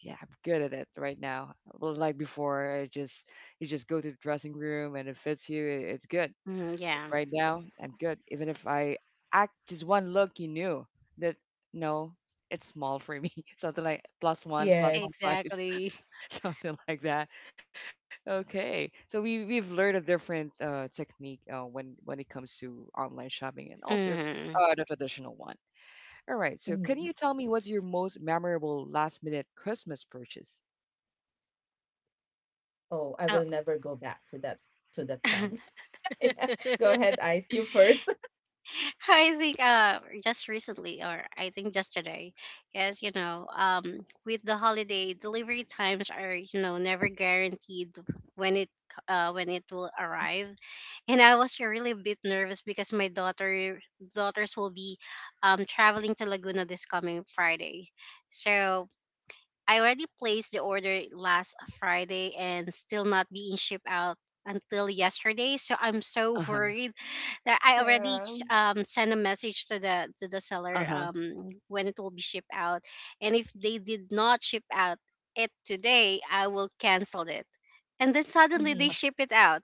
Speaker 1: Yeah, I'm good at it right now. Well, like before, I just, you just go to the dressing room and it fits you. i- It's good.
Speaker 3: Mm, yeah.
Speaker 1: Right now, I'm good. Even if I act just one look, you knew that no, it's small for me. Something like plus one, plus one
Speaker 2: Yes.
Speaker 1: size,
Speaker 3: Exactly.
Speaker 1: something like that. Okay, so we we've learned a different uh, technique uh, when when it comes to online shopping and also
Speaker 3: hmm
Speaker 1: uh, the traditional one. All right, so can
Speaker 2: Mhm.
Speaker 1: you tell me what's your most memorable last minute Christmas purchase?
Speaker 2: Oh, I will
Speaker 3: Oh.
Speaker 2: never go back to that, to that time. Yeah. Go ahead, Ice. You first.
Speaker 3: I think uh just recently or I think just today because you know um with the holiday delivery times are you know never guaranteed when it c- uh when it will
Speaker 1: Hmm.
Speaker 3: arrive. And I was really a bit nervous because my daughter daughters will be um traveling to Laguna this coming Friday. So I already placed the order last Friday and still not being shipped out until yesterday. So I'm so
Speaker 1: Uh huh.
Speaker 3: worried that I already
Speaker 2: Yeah.
Speaker 3: ch- um, sent a message to the to the seller
Speaker 1: Uh huh. Are
Speaker 3: um, when it will be shipped out. And if they did not ship out it today, I will cancel it. And then suddenly they
Speaker 2: Mhm.
Speaker 3: ship it out,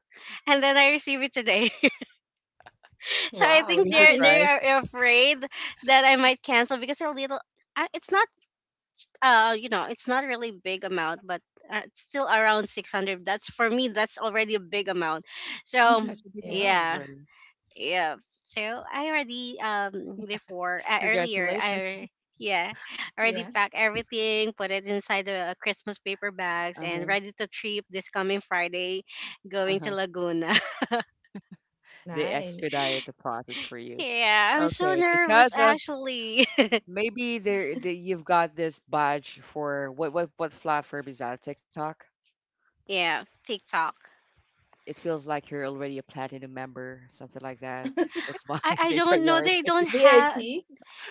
Speaker 3: and then I receive it today. So I
Speaker 2: Wow,
Speaker 3: think
Speaker 1: you
Speaker 3: they're
Speaker 2: nice.
Speaker 3: they
Speaker 1: surprised?
Speaker 3: are afraid that I might cancel because a little. I- It's not uh you know it's not really big amount, but uh, it's still around six hundred. That's for me that's already a big amount. so
Speaker 1: Gosh,
Speaker 2: Mhm.
Speaker 1: you big
Speaker 2: Yes.
Speaker 1: amount
Speaker 3: yeah
Speaker 1: already.
Speaker 3: yeah so I already um before uh, earlier
Speaker 1: Congratulations.
Speaker 3: I yeah already
Speaker 2: Yeah,
Speaker 3: packed everything, put it inside the Christmas paper bags
Speaker 1: Uh huh.
Speaker 3: and ready to trip this coming Friday,
Speaker 1: Uh
Speaker 3: going
Speaker 1: huh.
Speaker 3: to Laguna.
Speaker 1: They
Speaker 2: nice.
Speaker 1: expedite the process for you.
Speaker 3: Yeah, I'm so
Speaker 1: Okay,
Speaker 3: nervous
Speaker 1: because of,
Speaker 3: actually.
Speaker 1: maybe there the, you've got this badge for what what what platform is that? TikTok?
Speaker 3: Yeah, TikTok.
Speaker 1: It feels like you're already a platinum member, something like that. That's why
Speaker 3: I, I
Speaker 1: they
Speaker 3: don't know.
Speaker 1: prioritize
Speaker 3: They
Speaker 1: you.
Speaker 3: don't have
Speaker 2: V I P?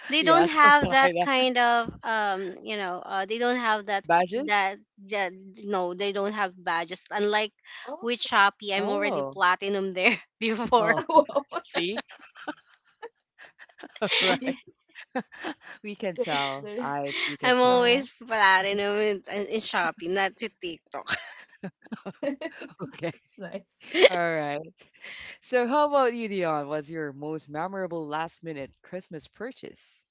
Speaker 3: they
Speaker 1: Yeah,
Speaker 3: don't have
Speaker 1: something
Speaker 3: that
Speaker 1: like that.
Speaker 3: kind of um you know uh, they don't have that
Speaker 1: Badges?
Speaker 3: that, that no they don't have badges unlike with
Speaker 2: Oh,
Speaker 3: Shopee. I'm already
Speaker 1: Oh,
Speaker 3: platinum there before.
Speaker 1: oh,
Speaker 2: wow,
Speaker 1: see, right?
Speaker 2: nice.
Speaker 1: We can
Speaker 2: There's
Speaker 1: tell,
Speaker 2: there,
Speaker 1: eyes. We can
Speaker 3: I'm
Speaker 1: tell.
Speaker 2: yeah.
Speaker 3: always platinum in, in Shopee, not to TikTok.
Speaker 1: Okay,
Speaker 2: That's nice.
Speaker 1: all right. So, how about you, Dion? What's your most memorable last-minute Christmas purchase?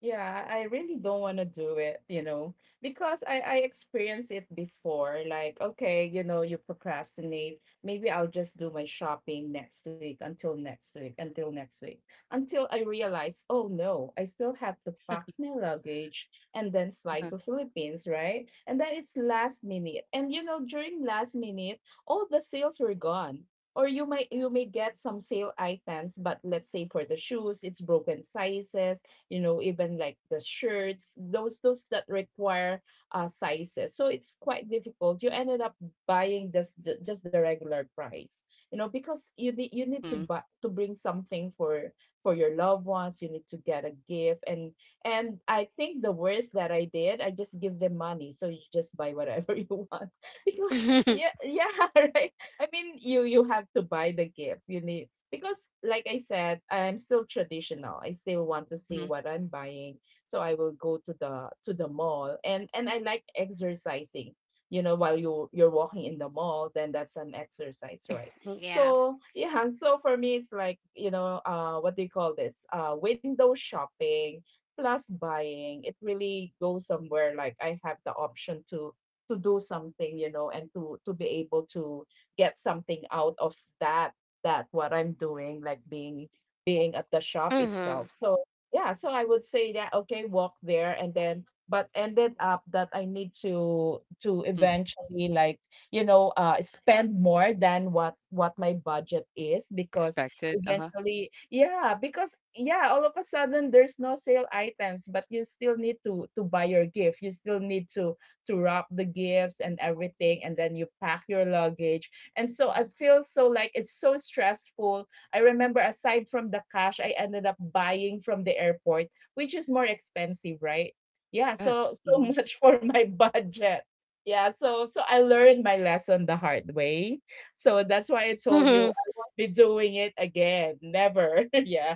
Speaker 2: Yeah, I really don't want to do it, you know, because I I experienced it before. Like, okay, you know, you procrastinate. Maybe I'll just do my shopping next week, until next week, until next week, until I realize, oh no, I still have to pack my luggage and then fly to Philippines, right? And then it's last minute. And you know, during last minute, all the sales were gone. Or you might, you may get some sale items, but let's say for the shoes, it's broken sizes, you know, even like the shirts, those those that require uh, sizes, so it's quite difficult. You ended up buying just the- just the regular price, you know, because you need you need to
Speaker 1: Mm-hmm.
Speaker 2: buy, to bring something for for your loved ones. You need to get a gift. and and I think the worst that I did, I just give them money, so you just buy whatever you want, because yeah, yeah, right, I mean, you you have to buy the gift, you need, because, like I said, I'm still traditional. I still want to see
Speaker 1: Mm-hmm.
Speaker 2: what I'm buying, so I will go to the to the mall, and and I like exercising. You know, while you you're walking in the mall, then that's an exercise, right?
Speaker 3: yeah
Speaker 2: So yeah, so for me, it's like, you know, uh, what do you call this? Uh, window shopping plus buying. It really goes somewhere. Like I have the option to to do something, you know, and to to be able to get something out of that, that what I'm doing, like being being at the shop
Speaker 3: mm-hmm.
Speaker 2: itself. So yeah, so I would say that, okay, walk there, and then but ended up that I need to to eventually, like, you know, uh, spend more than what what my budget is,
Speaker 1: You
Speaker 2: because
Speaker 1: expected? Uh-huh.
Speaker 2: eventually, yeah, because yeah, all of a sudden there's no sale items, but you still need to to buy your gift. You still need to to wrap the gifts and everything, and then you pack your luggage, and so I feel so like it's so stressful. I remember aside from the cash, I ended up buying from the airport, which is more expensive, right? Yeah, so
Speaker 1: Yes.
Speaker 2: so
Speaker 1: Mhm.
Speaker 2: much for my budget. Yeah, so so I learned my lesson the hard way. So that's why I told you
Speaker 3: hmm
Speaker 2: I won't be doing it again. Never. Yeah.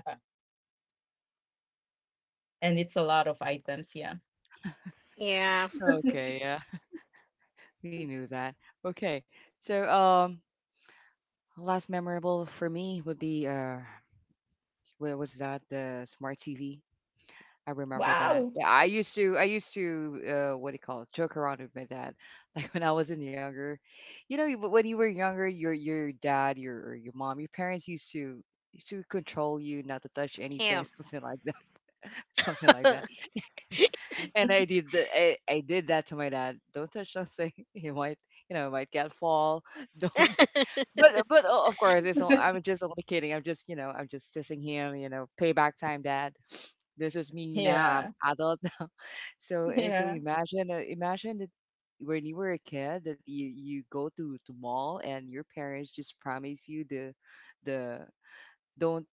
Speaker 2: And it's a lot of items, yeah.
Speaker 3: yeah
Speaker 1: Okay, yeah. We knew that. Okay. So, um, last memorable for me would be uh what was that? The smart T V. I remember
Speaker 2: Wow.
Speaker 1: that. Yeah, I used to I used to uh what do you call it? Joke around with my dad. Like when I wasn't younger. You know, you- when you were younger, your your dad, your or your mom, your parents used to used to control you not to touch anything,
Speaker 3: yeah
Speaker 1: something like that. Something like that, and I did the, I, I did that to my dad. Don't touch nothing. He might you know might get fall. Don't. But but o- of course it's. all- I'm just only kidding. I'm just you know I'm just dissing him. You know, payback time, dad. This is me now. I'm
Speaker 2: Yeah.
Speaker 1: adult now. So uh, so
Speaker 2: Yeah.
Speaker 1: imagine uh, imagine that when you were a kid that you you go to to mall and your parents just promise you the the don't,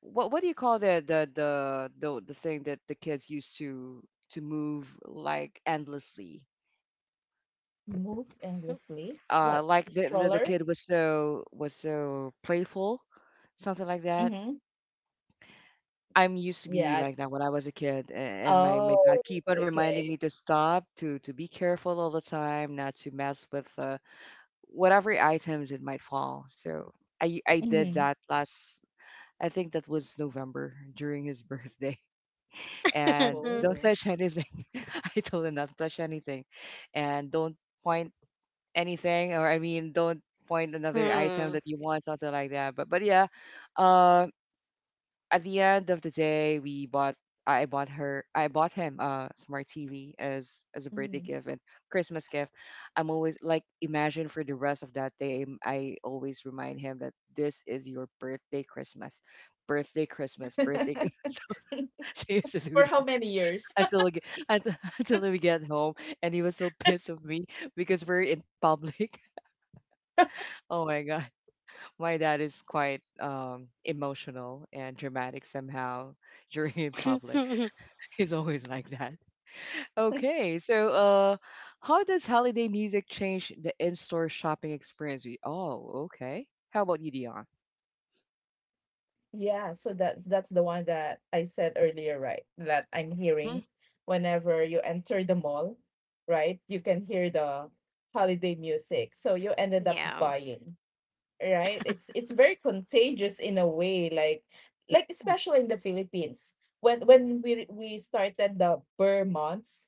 Speaker 1: what what do you call the the the the, the thing that the kids used to to move like endlessly,
Speaker 2: Move endlessly.
Speaker 1: uh
Speaker 2: What?
Speaker 1: like the, the the
Speaker 2: Stroller?
Speaker 1: kid was so was so playful, something like that.
Speaker 2: Mm-hmm.
Speaker 1: I'm used to be
Speaker 2: Yeah.
Speaker 1: like that when I was a kid, a- and my my dad
Speaker 2: Oh,
Speaker 1: keep on reminding
Speaker 2: okay.
Speaker 1: me to stop to to be careful all the time, not to mess with uh, whatever items it might fall. So i i did
Speaker 2: Mhm.
Speaker 1: that last, I think that was November during his birthday. And
Speaker 3: Mm.
Speaker 1: don't
Speaker 2: Oh.
Speaker 1: touch anything. I told him not to touch anything, and don't point anything, or I mean, don't point another item that you want, something like that. But but yeah, uh, at the end of the day, we bought. I bought her. I bought him a smart T V as as a birthday
Speaker 2: Mhm.
Speaker 1: gift and Christmas gift. I'm always like, imagine for the rest of that day, I'm- I always remind him that this is your birthday Christmas, birthday Christmas, birthday. So, so he used to do
Speaker 2: For
Speaker 1: that
Speaker 2: how many years?
Speaker 1: until we get, until, until we get home, and he was so pissed of me because we're in public. Oh my god, my dad is quite um emotional and dramatic somehow during in public. He's always like that. Okay, so uh how does holiday music change the in-store shopping experience? We oh, okay, how about you, Dion?
Speaker 2: Yeah, so that's that's the one that I said earlier, right? That I'm hearing
Speaker 1: Mm-hmm.
Speaker 2: whenever you enter the mall, right? You can hear the holiday music. So you ended up
Speaker 3: yeah
Speaker 2: buying, right? It's it's very contagious in a way, like like especially in the Philippines. When when we we started the Burr months,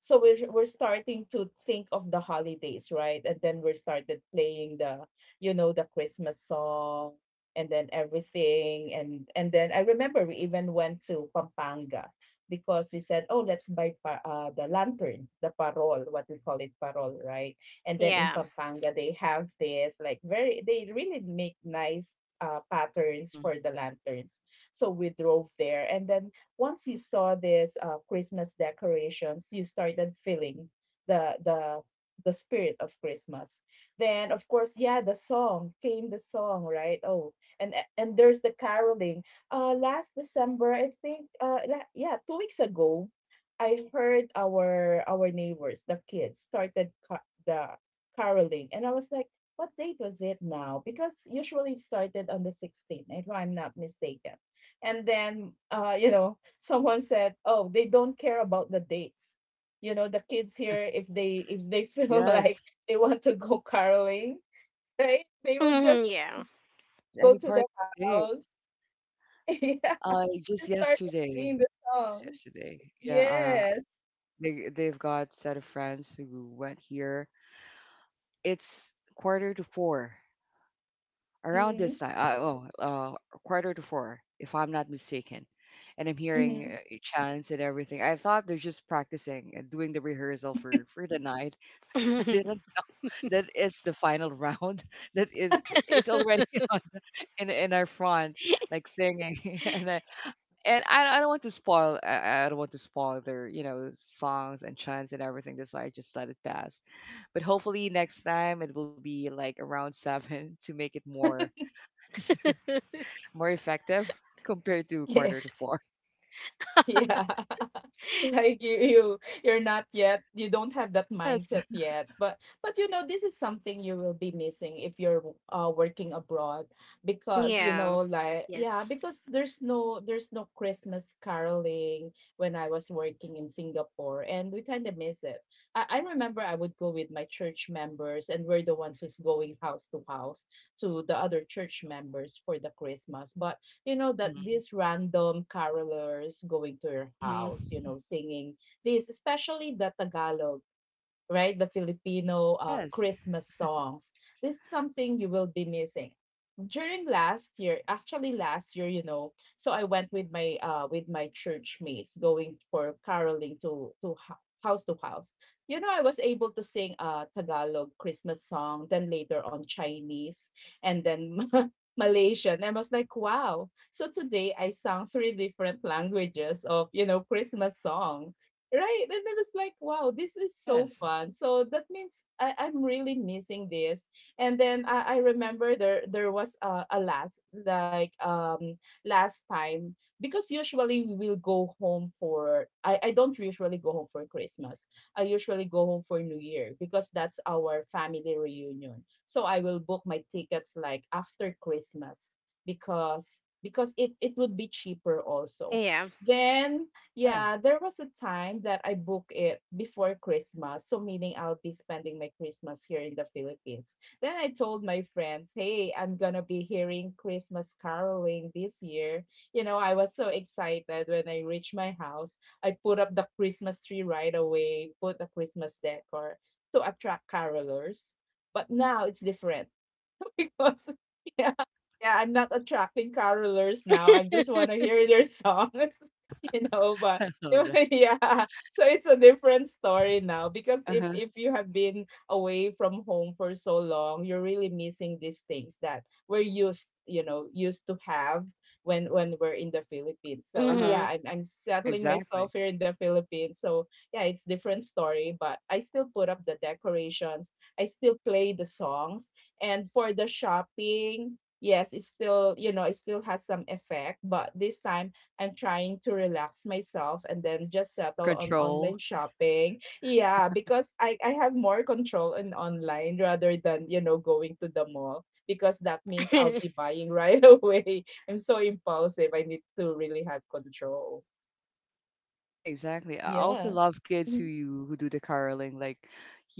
Speaker 2: so we're we're starting to think of the holidays, right? And then we started playing the you know the Christmas song and then everything. And and then I remember we even went to Pampanga because we said, oh, let's buy pa- uh, the lantern, the parol, what we call it, parol, right? And then in
Speaker 3: yeah
Speaker 2: Pampanga they have this like very, they really make nice uh, patterns
Speaker 1: Hmm.
Speaker 2: for the lanterns. So we drove there, and then once you saw these uh, Christmas decorations, you started feeling the the the spirit of Christmas. Then of course, yeah, the song came, the song, right? Oh, and and there's the caroling. Uh last December, I think uh la- yeah, two weeks ago, I heard our our neighbors, the kids started ca- the caroling, and I was like, what date was it now? Because usually it started on the sixteenth, if I'm not mistaken. And then uh you know, someone said, oh, they don't care about the dates. You know, the kids here, if they, if they feel
Speaker 1: Yes.
Speaker 2: like they want to go caroling, right, they will
Speaker 3: Mhm,
Speaker 2: just
Speaker 3: yeah.
Speaker 1: Yes,
Speaker 2: go
Speaker 1: any
Speaker 2: to
Speaker 1: part of
Speaker 2: the
Speaker 1: the day.
Speaker 2: house. Yeah.
Speaker 1: uh just
Speaker 2: And start
Speaker 1: yesterday
Speaker 2: singing the
Speaker 1: just
Speaker 2: song.
Speaker 1: yesterday. Yeah, uh,
Speaker 2: Yes.
Speaker 1: They they've got set of friends who went here. It's quarter to four around this
Speaker 2: Mm-hmm.
Speaker 1: time. Uh, oh, uh, Quarter to four, if I'm not mistaken. And I'm hearing
Speaker 2: Mm-hmm.
Speaker 1: uh, chants and everything. I thought they're just practicing and doing the rehearsal for for the night. I didn't. That is the final round. That is. It's already on in in our front, like singing, and I, and I, I don't want to spoil, I, I don't want to spoil their you know songs and chants and everything. That's why I just let it pass. But hopefully next time it will be like around seven to make it more more effective compared to quarter to
Speaker 2: Yes.
Speaker 1: four.
Speaker 2: Yeah. Like you you you're not yet, you don't have that
Speaker 1: Yes.
Speaker 2: mindset yet. But but you know, this is something you will be missing if you're uh working abroad, because you
Speaker 3: yeah
Speaker 2: know, like, yeah,
Speaker 3: yes.
Speaker 2: because there's no, there's no Christmas caroling when I was working in Singapore, and we kind of miss it. I, I remember I would go with my church members, and we're the ones who's going house to house to the other church members for the Christmas. But you know that
Speaker 1: Mm-hmm.
Speaker 2: these random carolers going to your
Speaker 1: Mm-hmm.
Speaker 2: house, you know, singing, this especially the Tagalog, right? The Filipino uh,
Speaker 1: Yes.
Speaker 2: Christmas songs. This is something you will be missing. During last year, actually last year, you know, so I went with my uh with my church mates going for caroling to to ho- house to house. You know, I was able to sing a Tagalog Christmas song, then later on Chinese, and then Malaysian. I was like, wow. So today I sang three different languages of, you know, Christmas song. Right. And I was like, wow, this is so
Speaker 1: Yes.
Speaker 2: fun. So that means I, I'm really missing this. And then I, I remember there there was a, a last like um last time, because usually we will go home for, I, I don't usually go home for Christmas. I usually go home for New Year, because that's our family reunion. So I will book my tickets like after Christmas, because because it, it would be cheaper also.
Speaker 3: Yeah.
Speaker 2: Then
Speaker 1: Yeah.
Speaker 2: yeah, there was a time that I booked it before Christmas. So, meaning I'll be spending my Christmas here in the Philippines. Then I told my friends, hey, I'm going to be hearing Christmas caroling this year. You know, I was so excited when I reached my house. I put up the Christmas tree right away, put the Christmas decor to attract carolers. But now it's different. Because yeah, yeah, I'm not attracting carolers now. I just want to hear their songs, you know. But
Speaker 1: I love that.
Speaker 2: yeah, so it's a different story now, because if
Speaker 1: Uh-huh.
Speaker 2: if you have been away from home for so long, you're really missing these things that we're used, you know, used to have when when we're in the Philippines. So
Speaker 1: Uh-huh.
Speaker 2: yeah,
Speaker 3: Mm-hmm.
Speaker 2: I'm I'm settling
Speaker 1: Exactly.
Speaker 2: myself here in the Philippines. So yeah, it's different story, but I still put up the decorations. I still play the songs. And for the shopping, yes, it still, you know, it still has some effect, but this time I'm trying to relax myself and then just
Speaker 1: More
Speaker 2: settle on
Speaker 1: control.
Speaker 2: online shopping. Yeah, because I, I have more control in online rather than, you know, going to the mall, because that means I'll be buying right away. I'm so impulsive. I need to really have control.
Speaker 1: Yeah, exactly. I
Speaker 2: Yeah.
Speaker 1: also love kids
Speaker 2: Mhm.
Speaker 1: who who do the caroling. Like,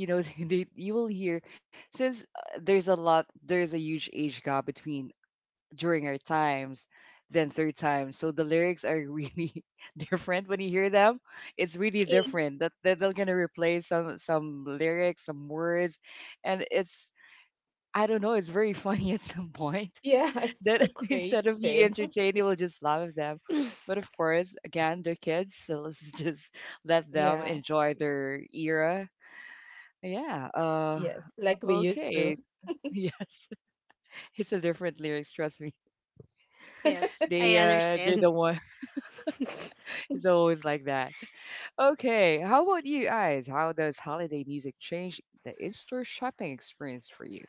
Speaker 1: you know, they, you will hear, since uh, there's a lot, there's a huge age gap between during our times than third time. So the lyrics are really different when you hear them. It's really
Speaker 3: Okay.
Speaker 1: different, that that they're gonna replace some some lyrics, some words, and it's, I don't know. It's very funny at some point,
Speaker 2: Yeah, it's so
Speaker 1: that instead of
Speaker 2: creative.
Speaker 1: you entertaining, we'll just laugh at them. But of course, again, they're kids, so let's just let
Speaker 2: Yeah.
Speaker 1: them enjoy their era. Yeah.
Speaker 2: Yes,
Speaker 1: Uh.
Speaker 2: like we used to.
Speaker 1: Okay. Yes, it's a different lyrics. Trust me.
Speaker 3: Yes, I
Speaker 1: They uh, they're
Speaker 3: understand.
Speaker 1: the one. He's always like that. Okay, how about you guys? How does holiday music change the in-store shopping experience for you?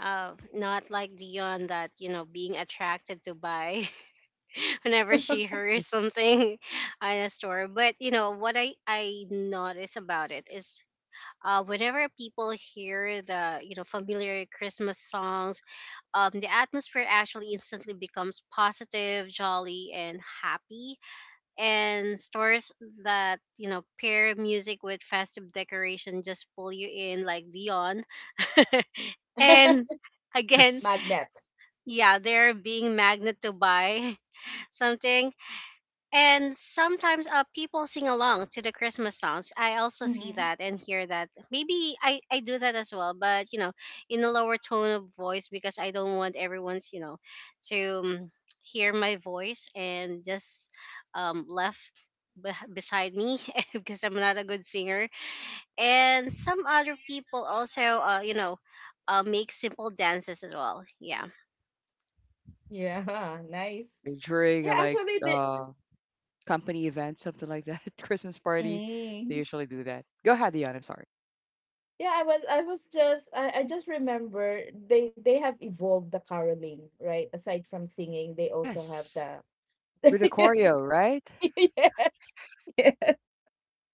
Speaker 3: Uh, not like Dion that, you know, being attracted to buy whenever she hears something in a store. But, you know, what I, I notice about it is uh, whenever people hear the, you know, familiar Christmas songs, um, the atmosphere actually instantly becomes positive, jolly, and happy, and stores that you know pair music with festive decoration just pull you in like beyond. And again,
Speaker 1: Yes.
Speaker 2: Magnet.
Speaker 3: yeah, they're being magnet to buy something. And sometimes uh, people sing along to the Christmas songs. I also see
Speaker 2: Mhm.
Speaker 3: that and hear that. Maybe I, I do that as well, but you know, in a lower tone of voice because I don't want everyone's, you know, to um, hear my voice and just um, left be- beside me because I'm not a good singer. And some other people also, uh, you know, uh, make simple dances as well. Yeah.
Speaker 2: Yeah, nice.
Speaker 1: Yeah,
Speaker 2: Yeah,
Speaker 1: during uh, like
Speaker 2: actually they
Speaker 1: uh company event, something like that, Christmas party, they
Speaker 2: mm,
Speaker 1: usually do that. Go ahead, Dion, I'm sorry.
Speaker 2: yeah, I was I was just I, I just remember they they have evolved the caroling, right? Aside from singing, they also have
Speaker 1: Yes.
Speaker 2: the
Speaker 1: With the choreo, right?
Speaker 2: yeah, yeah,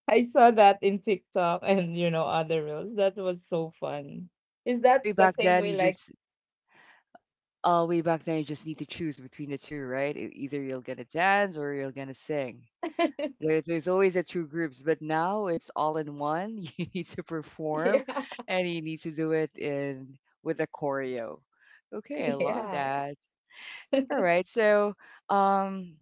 Speaker 2: I saw that in TikTok and you know other reels. That was so fun. Is
Speaker 1: Way
Speaker 2: that
Speaker 1: way
Speaker 2: the
Speaker 1: back
Speaker 2: same
Speaker 1: then
Speaker 2: way
Speaker 1: you
Speaker 2: like
Speaker 1: just uh Way back then, you just need to choose between the two, right? E- Either you're gonna dance or you're gonna sing. There, there's always a two groups, but now it's all in one. You need to perform,
Speaker 2: Yeah.
Speaker 1: and you need to do it in with a choreo. Okay, I love
Speaker 2: Yeah.
Speaker 1: that. All right, so um,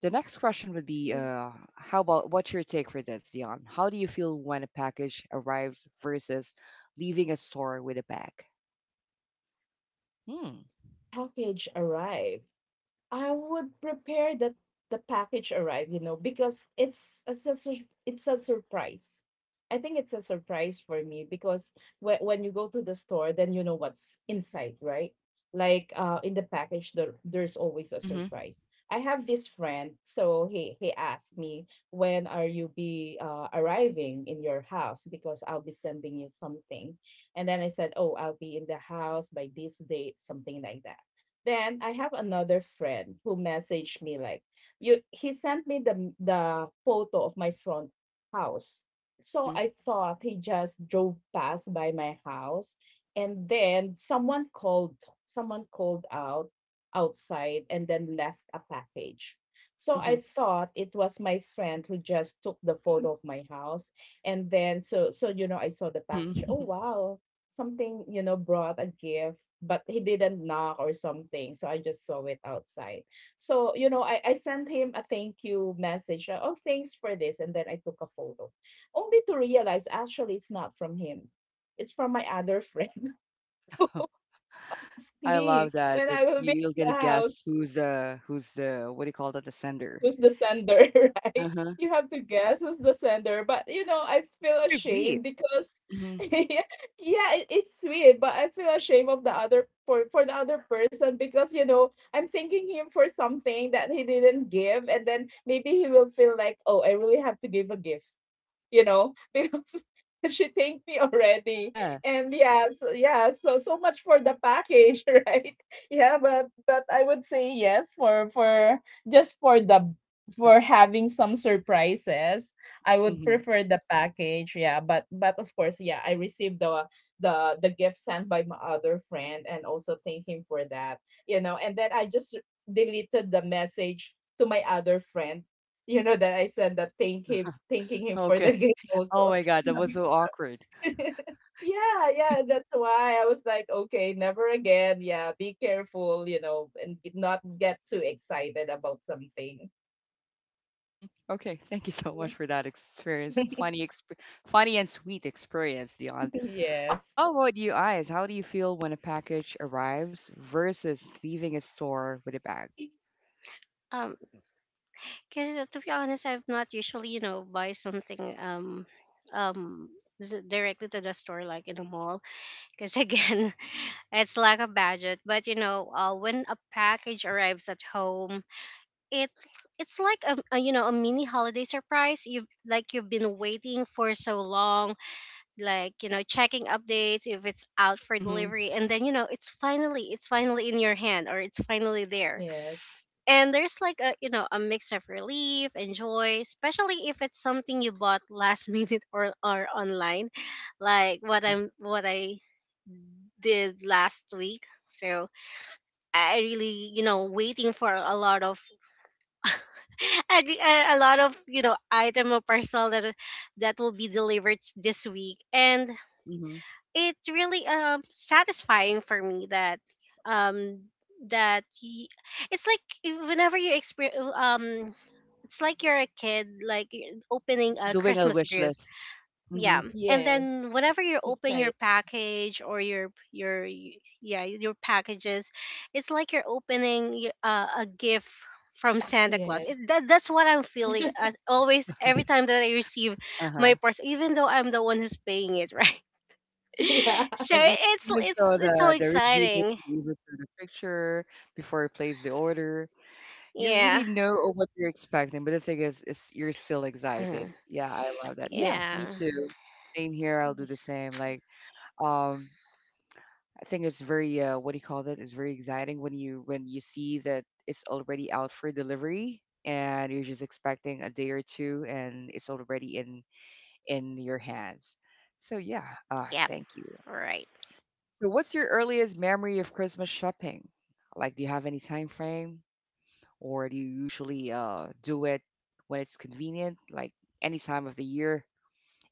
Speaker 1: the next question would be, uh, how about, what's your take for this, Dion? How do you feel when a package arrives versus leaving a store with a bag? Hmm.
Speaker 2: Package arrived. I would prepare that the package arrive, you know, because it's a, it's a sur- it's a surprise. I think it's a surprise for me because when when you go to the store, then you know what's inside, right? Like uh, in the package, there there's always a
Speaker 1: Mhm.
Speaker 2: surprise. I have this friend, so he he asked me, when are you be uh, arriving in your house, because I'll be sending you something. And then I said, oh, I'll be in the house by this date, something like that. Then I have another friend who messaged me like, you, he sent me the the photo of my front house. So
Speaker 1: Mhm.
Speaker 2: I thought he just drove past by my house, and then someone called someone called out outside and then left a package. So I
Speaker 1: Mhm.
Speaker 2: thought it was my friend who just took the photo of my house, and then so so you know I saw the package. Oh
Speaker 1: Mhm.
Speaker 2: wow, something, you know, brought a gift, but he didn't knock or something. So I just saw it outside. So, you know, I, I sent him a thank you message. uh, Oh, thanks for this. And then I took a photo, only to realize actually it's not from him. It's from my other friend. It
Speaker 1: I love
Speaker 2: me
Speaker 1: that.
Speaker 2: when
Speaker 1: That
Speaker 2: I will be
Speaker 1: you- you're
Speaker 2: in
Speaker 1: gonna
Speaker 2: the house.
Speaker 1: guess who's uh who's the, what do you call that, the sender?
Speaker 2: Who's the sender, right? You have to guess who's the sender. But you know, I feel
Speaker 1: It's very sweet.
Speaker 2: ashamed because
Speaker 1: Mhm.
Speaker 2: yeah, yeah, it, it's sweet, but I feel ashamed of the other for for the other person, because you know I'm thanking him for something that he didn't give, and then maybe he will feel like, oh, I really have to give a gift, you know, because she thanked me already.
Speaker 1: Yeah.
Speaker 2: And yeah, so yeah, so so much for the package, right? Yeah, but but I would say yes for for just for the for having some surprises. I would
Speaker 1: Mhm.
Speaker 2: prefer the package, yeah. But but of course, yeah, I received the the the gift sent by my other friend, and also thank him for that. You know, and then I just deleted the message to my other friend, you know, that I said that thank him thanking him for the
Speaker 1: Okay.
Speaker 2: game
Speaker 1: Oh
Speaker 2: also.
Speaker 1: my god, that
Speaker 2: Yeah,
Speaker 1: was
Speaker 2: because
Speaker 1: so awkward.
Speaker 2: yeah, yeah, that's why I was like, "Okay, never again. Yeah, be careful, you know, and g- not get too excited about something."
Speaker 1: Mhm. Okay, thank you so
Speaker 2: Yeah.
Speaker 1: much for that experience. Funny exp funny and sweet experience, Dion.
Speaker 2: Yes.
Speaker 1: How about you, eyes? How do you feel when a package arrives versus leaving a store with a bag?
Speaker 3: Um, Because to be honest, I'm not usually, you know, buy something um um s- directly to the store like in the mall because again it's lack of budget. But you know uh, when a package arrives at home, it it's like a, a you know a mini holiday surprise. You like you've been waiting for so long, like you know checking updates if it's out for
Speaker 1: Mm-hmm.
Speaker 3: delivery, and then you know it's finally it's finally in your hand or it's finally there.
Speaker 2: Yes.
Speaker 3: And there's like a you know a mix of relief and joy, especially if it's something you bought last minute or or online, like what
Speaker 1: Mm-hmm.
Speaker 3: i'm what i did last week. So I really you know waiting for a lot of a, a lot of you know item or parcel that that will be delivered this week. And
Speaker 1: Mm-hmm.
Speaker 3: it really um satisfying for me that um that y- it's like if- whenever you experience um it's like you're a kid, like y-
Speaker 1: Like
Speaker 3: opening a
Speaker 1: doing a
Speaker 3: Christmas
Speaker 1: wish
Speaker 3: grill.
Speaker 1: list.
Speaker 3: Yeah,
Speaker 1: Mm-hmm.
Speaker 3: and
Speaker 2: Yes.
Speaker 3: then whenever you open your
Speaker 2: Excited.
Speaker 3: package or your your y- yeah your packages, it's like you're opening y- uh, a gift from Santa Claus. It,
Speaker 2: Yes.
Speaker 3: that, that's what I'm feeling as always every time that I receive my
Speaker 1: Uh-huh.
Speaker 3: parcel, even though I'm the one who's paying it, right?
Speaker 2: Yeah.
Speaker 3: So
Speaker 1: And e-
Speaker 3: it's
Speaker 1: Even so
Speaker 3: it's it's so
Speaker 1: the the review,
Speaker 3: exciting.
Speaker 1: even so the picture before you place the order. You really
Speaker 3: Yeah,
Speaker 1: know what you're expecting, but the thing is, is you're still excited.
Speaker 3: Mm.
Speaker 1: Yeah, I love that.
Speaker 2: Yeah.
Speaker 1: Yeah, me
Speaker 3: yeah,
Speaker 1: too. Same here. I'll do the same. Like, um, I think it's very, uh, what do you call that? It's very exciting when you when you see that it's already out for delivery and you're just expecting a day or two and it's already in in your hands. So yeah, uh,
Speaker 3: Yep.
Speaker 1: thank you.
Speaker 3: right.
Speaker 1: So what's your earliest memory of Christmas shopping? Like, do you have any time frame? Or do you usually uh, do it when it's convenient, like any time of the year,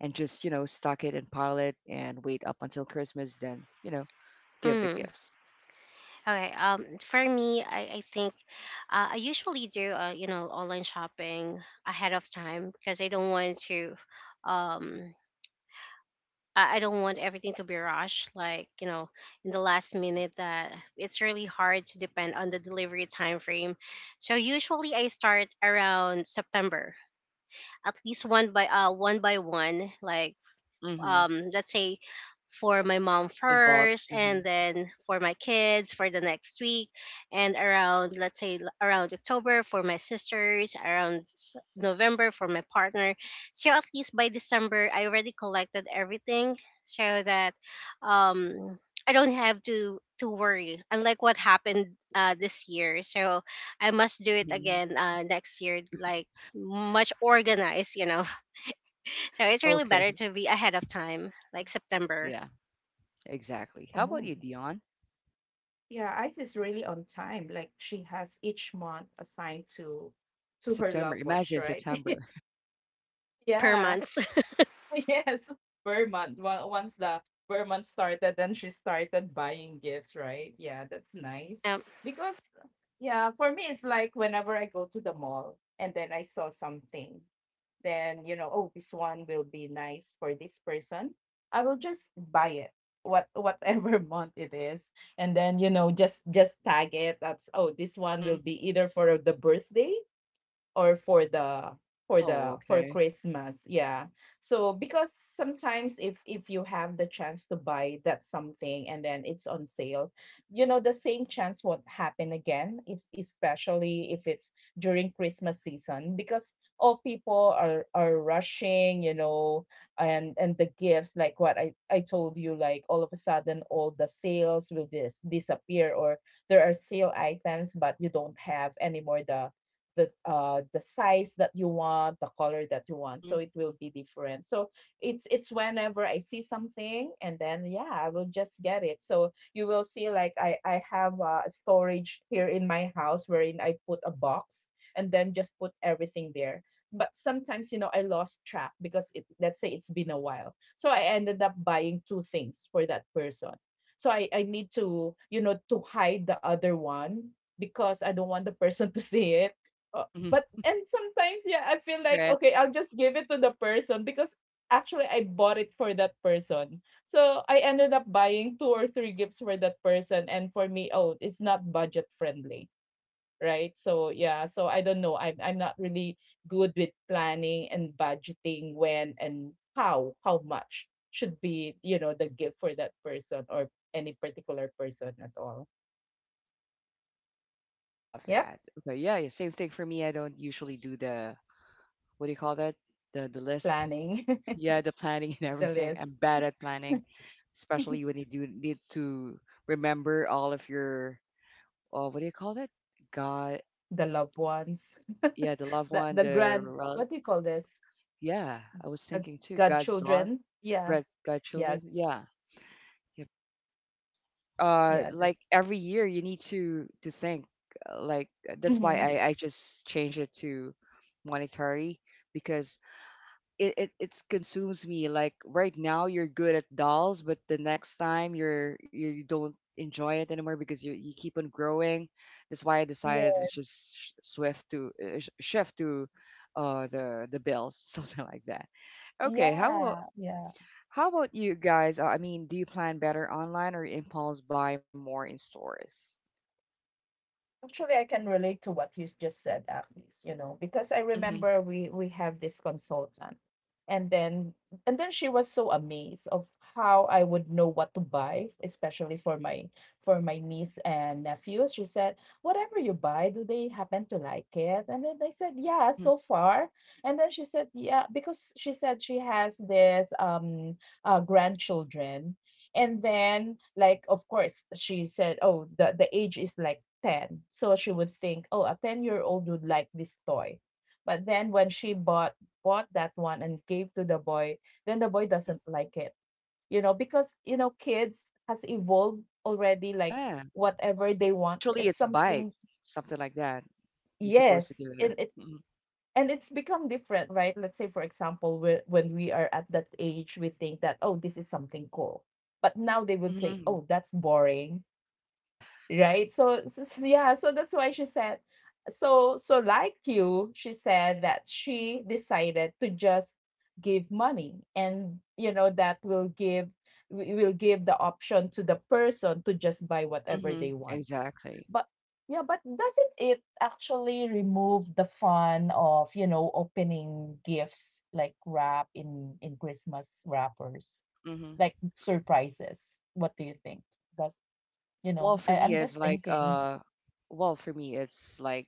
Speaker 1: and just, you know, stock it and pile it and wait up until Christmas, then, you know, give the
Speaker 3: Mm.
Speaker 1: gifts?
Speaker 3: Okay. Um, for me, I, I think uh, I usually do uh, you know online shopping ahead of time because I don't want to um I I don't want everything to be rushed, like you know, in the last minute. That it's really hard to depend on the delivery time frame. So usually I start around September, at least one by uh one by one, like
Speaker 1: Hmm.
Speaker 3: um let's say for my mom
Speaker 1: Not in bulk.
Speaker 3: first
Speaker 1: Hmm.
Speaker 3: and then for my kids for the next week, and around let's say l- around October for my sisters, around s- November for my partner. So at least by December I already collected everything, so that um I don't have to to worry unlike what happened uh this year. So I must do it
Speaker 1: Hmm.
Speaker 3: again uh next year, like much organized you know. So it's really
Speaker 1: Okay.
Speaker 3: better to be ahead of time, like September.
Speaker 1: Yeah, exactly. How about
Speaker 2: Oh,
Speaker 1: you, Dion?
Speaker 2: yeah, Ice is really on time. Like she has each month assigned to
Speaker 1: Yeah,
Speaker 2: to her
Speaker 1: September.
Speaker 2: loved ones,
Speaker 1: Imagine
Speaker 2: right?
Speaker 1: September.
Speaker 3: Per
Speaker 2: Yeah.
Speaker 3: month.
Speaker 2: Yes, per month. Well, once the per month started, then she started buying gifts, right? Yeah, that's nice.
Speaker 3: um,
Speaker 2: Because, yeah, for me, it's like whenever I go to the mall and then I saw something, then, you know, oh, this one will be nice for this person. I will just buy it, what whatever month it is. And then, you know, just just tag it. That's, oh, this one will
Speaker 1: Hmm.
Speaker 2: be either for the birthday or for the for
Speaker 1: Oh,
Speaker 2: the for
Speaker 1: okay.
Speaker 2: Christmas. Yeah. So because sometimes if if you have the chance to buy that something and then it's on sale, you know the same chance won't happen again, if, especially if it's during Christmas season, because all people are are rushing, you know, and and the gifts, like what I I told you, like all of a sudden all the sales will dis- disappear, or there are sale items but you don't have anymore the the uh, the size that you want, the color that you want.
Speaker 1: Hmm.
Speaker 2: So it will be different. So it's it's whenever I see something, and then yeah, I will just get it. So you will see like I I have uh, a storage here in my house wherein I put a box and then just put everything there. But sometimes, you know, I lost track because it, let's say it's been a while. So I ended up buying two things for that person. So I I need to, you know, to hide the other one because I don't want the person to see it. Uh,
Speaker 1: Hmm.
Speaker 2: but and sometimes, yeah, I feel like,
Speaker 1: Right.
Speaker 2: okay, I'll just give it to the person because actually I bought it for that person. So I ended up buying two or three gifts for that person, and for me, oh, it's not budget friendly, right? So yeah, so I don't know. I'm I'm not really good with planning and budgeting when and how how much should be, you know, the gift for that person or any particular person at all.
Speaker 1: Love
Speaker 2: Yep,
Speaker 1: that. Okay. Yeah, yeah. Same thing for me. I don't usually do the, what do you call that? The the list.
Speaker 2: planning,
Speaker 1: Yeah, the planning
Speaker 2: the
Speaker 1: and
Speaker 2: list.
Speaker 1: everything. I'm bad at planning, especially when you do need to remember all of your, oh, what do you call it? God,
Speaker 2: The loved ones,
Speaker 1: yeah, the loved
Speaker 2: the the
Speaker 1: one,
Speaker 2: grand,
Speaker 1: the,
Speaker 2: what do
Speaker 1: rel-
Speaker 2: you call this?
Speaker 1: yeah, I was
Speaker 2: The
Speaker 1: thinking too, God, dog,
Speaker 2: godchildren? Yeah,
Speaker 1: God, God,
Speaker 2: yeah,
Speaker 1: children. Yeah. Yeah.
Speaker 2: yeah.
Speaker 1: Uh,
Speaker 2: That's
Speaker 1: like every year you need to to think. Uh, Like uh, that's
Speaker 2: hmm,
Speaker 1: why I I just changed it to monetary, because it, it it consumes me. Like, right now you're good at dolls, but the next time you're you don't enjoy it anymore because you, you keep on growing. That's why I
Speaker 2: yeah,
Speaker 1: decided to just sh- swift to uh, sh- shift to uh the the bills something like that. Okay, how
Speaker 2: yeah,
Speaker 1: about
Speaker 2: yeah.
Speaker 1: how about you guys, uh, I mean, do you plan better online or impulse buy more in stores?
Speaker 2: Actually, I can relate to what you just said, Agnes, you know, because I
Speaker 1: Mm-hmm.
Speaker 2: remember we we have this consultant and then, and then she was so amazed of how I would know what to buy, especially for my for my niece and nephews. She said, "Whatever you buy, do they happen to like it?" And then I said, "Yeah,
Speaker 1: Mm-hmm.
Speaker 2: so far." And then she said, "Yeah," because she said she has this um uh grandchildren and then, like, of course she said, oh, the, the age is like ten. So she would think, oh, a ten-year-old would like this toy. But then when she bought bought that one and gave to the boy, then the boy
Speaker 1: Hmm.
Speaker 2: doesn't like it. You know, because, you know, kids has evolved already, like
Speaker 1: Yeah,
Speaker 2: whatever they want
Speaker 1: actually
Speaker 2: is
Speaker 1: it's bike,
Speaker 2: something.
Speaker 1: something like that. You're supposed to
Speaker 2: Yes.
Speaker 1: give it.
Speaker 2: And it,
Speaker 1: Yeah.
Speaker 2: and it's become different, right? Let's say for example, whe- when we are at that age, we think that, oh, this is something cool. But now they
Speaker 1: Mm-hmm.
Speaker 2: would
Speaker 1: Hmm.
Speaker 2: say, oh, that's boring.
Speaker 1: Yeah.
Speaker 2: Right? So, so so yeah, so that's why she said, so so like you, she said that she decided to just give money, and, you know, that will give, we will give the option to the person to just buy
Speaker 1: Mm-hmm.
Speaker 2: whatever they want.
Speaker 1: Exactly.
Speaker 2: But yeah, but doesn't it actually remove the fun of, you know, opening gifts, like wrap in in Christmas wrappers,
Speaker 1: Mm-hmm.
Speaker 2: like surprises? What do you think? Does, you
Speaker 1: Well, well,
Speaker 2: know,
Speaker 1: for
Speaker 2: I,
Speaker 1: me,
Speaker 2: I'm
Speaker 1: it's
Speaker 2: just
Speaker 1: like
Speaker 2: thinking.
Speaker 1: uh, well, for me, it's like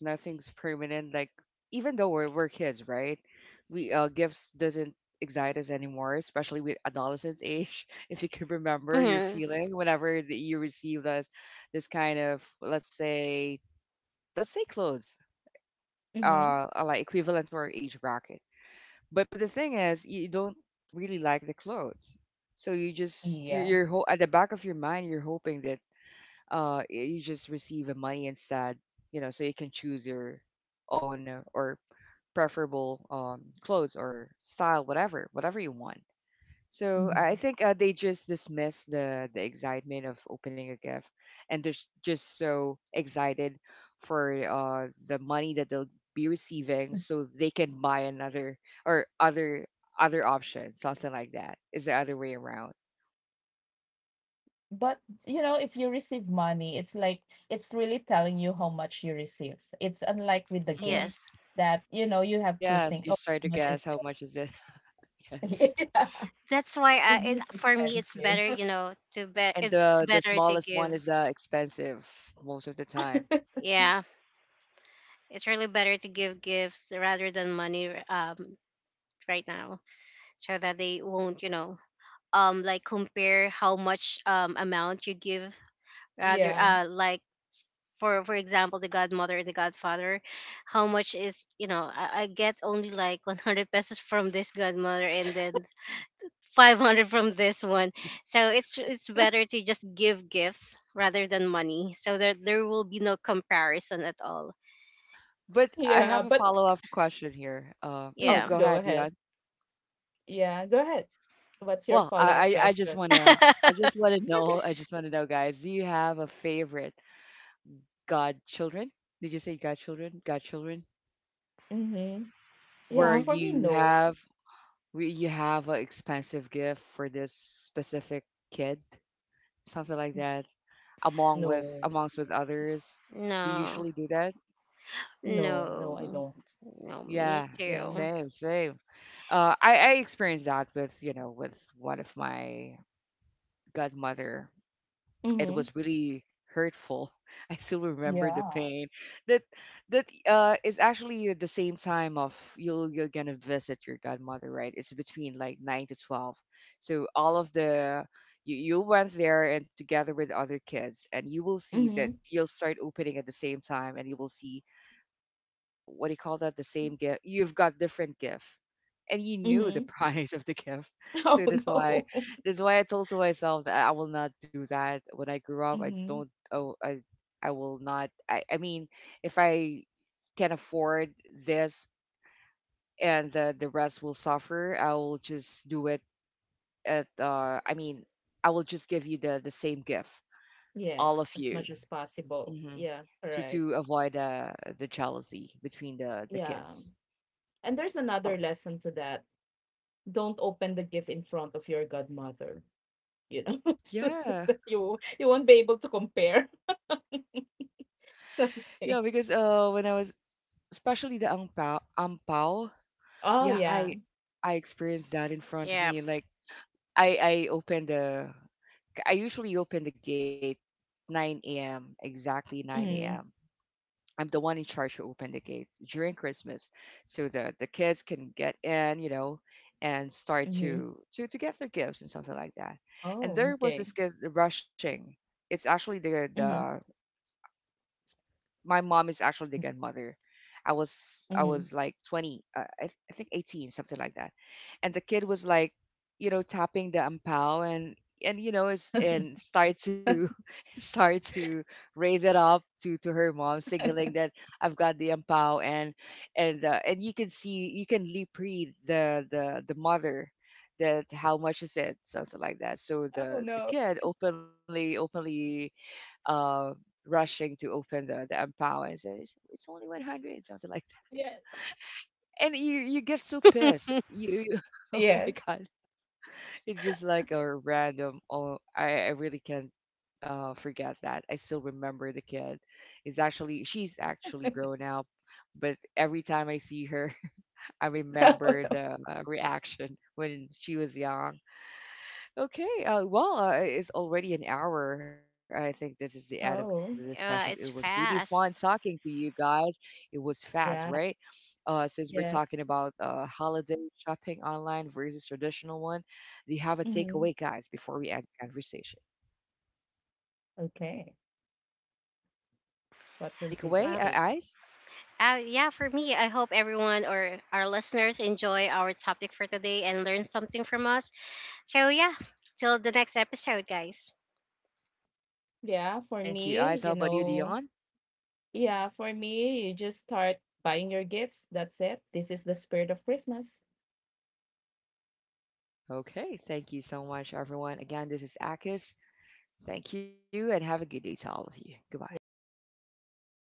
Speaker 1: nothing's permanent. Like, even though we're we're kids, right? We uh, gifts doesn't excite us anymore, especially with adolescence age. If you can remember your
Speaker 3: mhm,
Speaker 1: feeling whenever that you received us this kind of, let's say, let's say clothes,
Speaker 2: Mm-hmm.
Speaker 1: uh, are like equivalent to our age bracket. But but the thing is, you don't really like the clothes, so you just, you're,
Speaker 2: Yeah.
Speaker 1: you're ho- at the back of your mind, you're hoping that uh y- you just receive a money instead, you know, so you can choose your own uh, or preferable um clothes or style, whatever, whatever you want. So I
Speaker 2: Hmm.
Speaker 1: think uh, they just dismiss the the excitement of opening a gift, and they're just so excited for uh, the money that they'll be receiving, so they can buy another, or other, other option, something like that. Is the other way around?
Speaker 2: But you know, if you receive money, it's like it's really telling you how much you receive. It's unlike with the
Speaker 1: Hmm.
Speaker 2: gift
Speaker 3: yes,
Speaker 2: that, you know, you have to
Speaker 1: Yes,
Speaker 2: think,
Speaker 1: you
Speaker 2: oh,
Speaker 1: try to
Speaker 2: how much is
Speaker 1: guess how much is it.
Speaker 2: this?
Speaker 1: Yes,
Speaker 2: Yeah.
Speaker 3: That's why uh,
Speaker 2: Is
Speaker 3: it,
Speaker 2: this
Speaker 3: for me it's better,
Speaker 2: expensive?
Speaker 3: you know, to be,
Speaker 1: and
Speaker 3: it's
Speaker 1: the the
Speaker 3: better to
Speaker 1: smallest
Speaker 3: give.
Speaker 1: one is the expensive most of the time.
Speaker 3: Yeah, it's really better to give gifts rather than money um, right now, so that they won't, you know, um, like compare how much um amount you give, rather
Speaker 2: Yeah.
Speaker 3: uh like for for example the godmother and the godfather how much is you know i, I get only like one hundred pesos from this godmother and then five hundred from this one. So it's it's better to just give gifts rather than money so that there will be no comparison at all.
Speaker 1: But I
Speaker 2: Yeah.
Speaker 1: have a
Speaker 2: But
Speaker 1: follow up question here. Uh, oh,
Speaker 2: mm,
Speaker 3: Yeah
Speaker 1: go
Speaker 2: go
Speaker 1: ahead,
Speaker 2: ahead.
Speaker 1: Dion.
Speaker 2: Yeah. Go ahead. What's your
Speaker 1: Well,
Speaker 2: follow up
Speaker 1: I I, I just
Speaker 2: question?
Speaker 1: wanna, I just wanna know I just wanna know, guys, do you have a favorite godchildren? Did you say godchildren? Godchildren?
Speaker 2: Mm-hmm.
Speaker 1: Where
Speaker 2: Yeah. For
Speaker 3: Mhm.
Speaker 2: me,
Speaker 1: you
Speaker 2: no.
Speaker 1: have, where you have an expensive gift for this specific kid, something like that, among with
Speaker 2: No.
Speaker 1: amongst with others. Do you
Speaker 3: no
Speaker 1: usually do that?
Speaker 2: No. No, I
Speaker 3: no
Speaker 2: don't.
Speaker 3: No, me
Speaker 1: Yeah,
Speaker 2: Yeah.
Speaker 3: too.
Speaker 1: same, same. Uh, I I experienced that, with you know, with one of my godmother, it
Speaker 2: Mm-hmm.
Speaker 1: was really hurtful. I still remember the
Speaker 2: Yeah.
Speaker 1: pain. That that uh is actually at the same time of, you'll, you're gonna visit your godmother, right? It's between like nine to twelve. So all of the, you, you went there and together with other kids, and you will see
Speaker 2: Mm-hmm.
Speaker 1: that you'll start opening at the same time and you will see what do you call that, the same gift, you've got different gift, and you knew the
Speaker 2: Mm-hmm.
Speaker 1: price of the gift.
Speaker 2: Oh,
Speaker 1: So that's why,
Speaker 2: no.
Speaker 1: that's why I told to myself that I will not do that when I grew up. i
Speaker 2: Mm-hmm.
Speaker 1: don't oh i I will not, i, I mean, if I can afford this, and the, the rest will suffer, I will just do it at, uh i mean I will just give you the the same gift, all
Speaker 2: Yes,
Speaker 1: of
Speaker 2: as
Speaker 1: you,
Speaker 2: much as possible.
Speaker 1: hmm,
Speaker 2: Yeah,
Speaker 1: to
Speaker 2: correct.
Speaker 1: to avoid uh, the jealousy between the the
Speaker 2: Yeah.
Speaker 1: kids.
Speaker 2: And there's
Speaker 1: Oh,
Speaker 2: another lesson to that. Don't open the gift in front of your godmother, you know, just so
Speaker 1: yeah.
Speaker 2: that you you won't be able to compare something.
Speaker 1: Yeah, because uh, when I was, especially the ang pao, ang pao,
Speaker 2: Oh,
Speaker 1: yeah,
Speaker 2: yeah.
Speaker 1: I I experienced that in front of
Speaker 3: Yeah
Speaker 1: me. Like, I I opened the, I usually open the gate nine a m, exactly nine a m.
Speaker 2: Mm-hmm.
Speaker 1: I'm the one in charge who opened the gate during Christmas, so the the kids can get in, you know, and start
Speaker 2: Mm-hmm.
Speaker 1: to to to get their gifts and something like that.
Speaker 2: Oh,
Speaker 1: And there was
Speaker 2: okay.
Speaker 1: this kid rushing. It's actually the
Speaker 2: Mm-hmm.
Speaker 1: the My mom is actually the grandmother. I was I
Speaker 2: Mm-hmm.
Speaker 1: was like twenty, uh, I, th- I think eighteen, something like that. And the kid was like, you know, tapping the ampao and and you know, is and start to start to raise it up to to her mom, signaling that I've got the ampao, and, and uh, and you can see, you can lip read the the the mother, that how much is it, something like that. So
Speaker 2: Oh,
Speaker 1: the
Speaker 2: no.
Speaker 1: the kid openly, openly uh, rushing to open the, the empower and say it's, it's only one hundred, something like
Speaker 2: Yes.
Speaker 1: that, and you you get so pissed.
Speaker 3: uh,
Speaker 1: You, you oh
Speaker 2: Yes.
Speaker 1: my god, it's just like a random. Oh, i, I really can't uh, forget that. I still remember the kid is actually, she's actually grown up, but every time I see her, I
Speaker 2: Oh,
Speaker 1: remember
Speaker 2: no.
Speaker 1: the uh, reaction when she was young. Okay, uh, well, uh, it's already an hour. I think this is the end of the discussion.
Speaker 2: Oh,
Speaker 1: It was really
Speaker 3: it's
Speaker 1: fun talking to
Speaker 3: fast.
Speaker 1: you guys. It was fast, right?
Speaker 2: yeah.
Speaker 1: Uh, since we're talking
Speaker 2: Yes.
Speaker 1: about uh, holiday shopping online versus traditional one, do you have a takeaway,
Speaker 2: Mm-hmm.
Speaker 1: guys, before we end the conversation?
Speaker 2: Okay. What
Speaker 1: Any
Speaker 2: will be the
Speaker 1: takeaway,
Speaker 3: Well,
Speaker 1: uh, Ice?
Speaker 3: uh, yeah, for me, I hope everyone or our listeners enjoy our topic for today and learn something from us. So, yeah, till the next episode, guys.
Speaker 2: yeah, for
Speaker 1: Thank you,
Speaker 2: me,
Speaker 1: Ice.
Speaker 2: you
Speaker 1: How about you,
Speaker 2: know,
Speaker 1: Dion?
Speaker 2: yeah, for me, you just start buying your gifts. That's it. This is the spirit of Christmas.
Speaker 1: Okay, thank you so much, everyone. Again, this is Akis. Thank you, and have a good day to all of you. Goodbye.
Speaker 2: Yeah, thanks.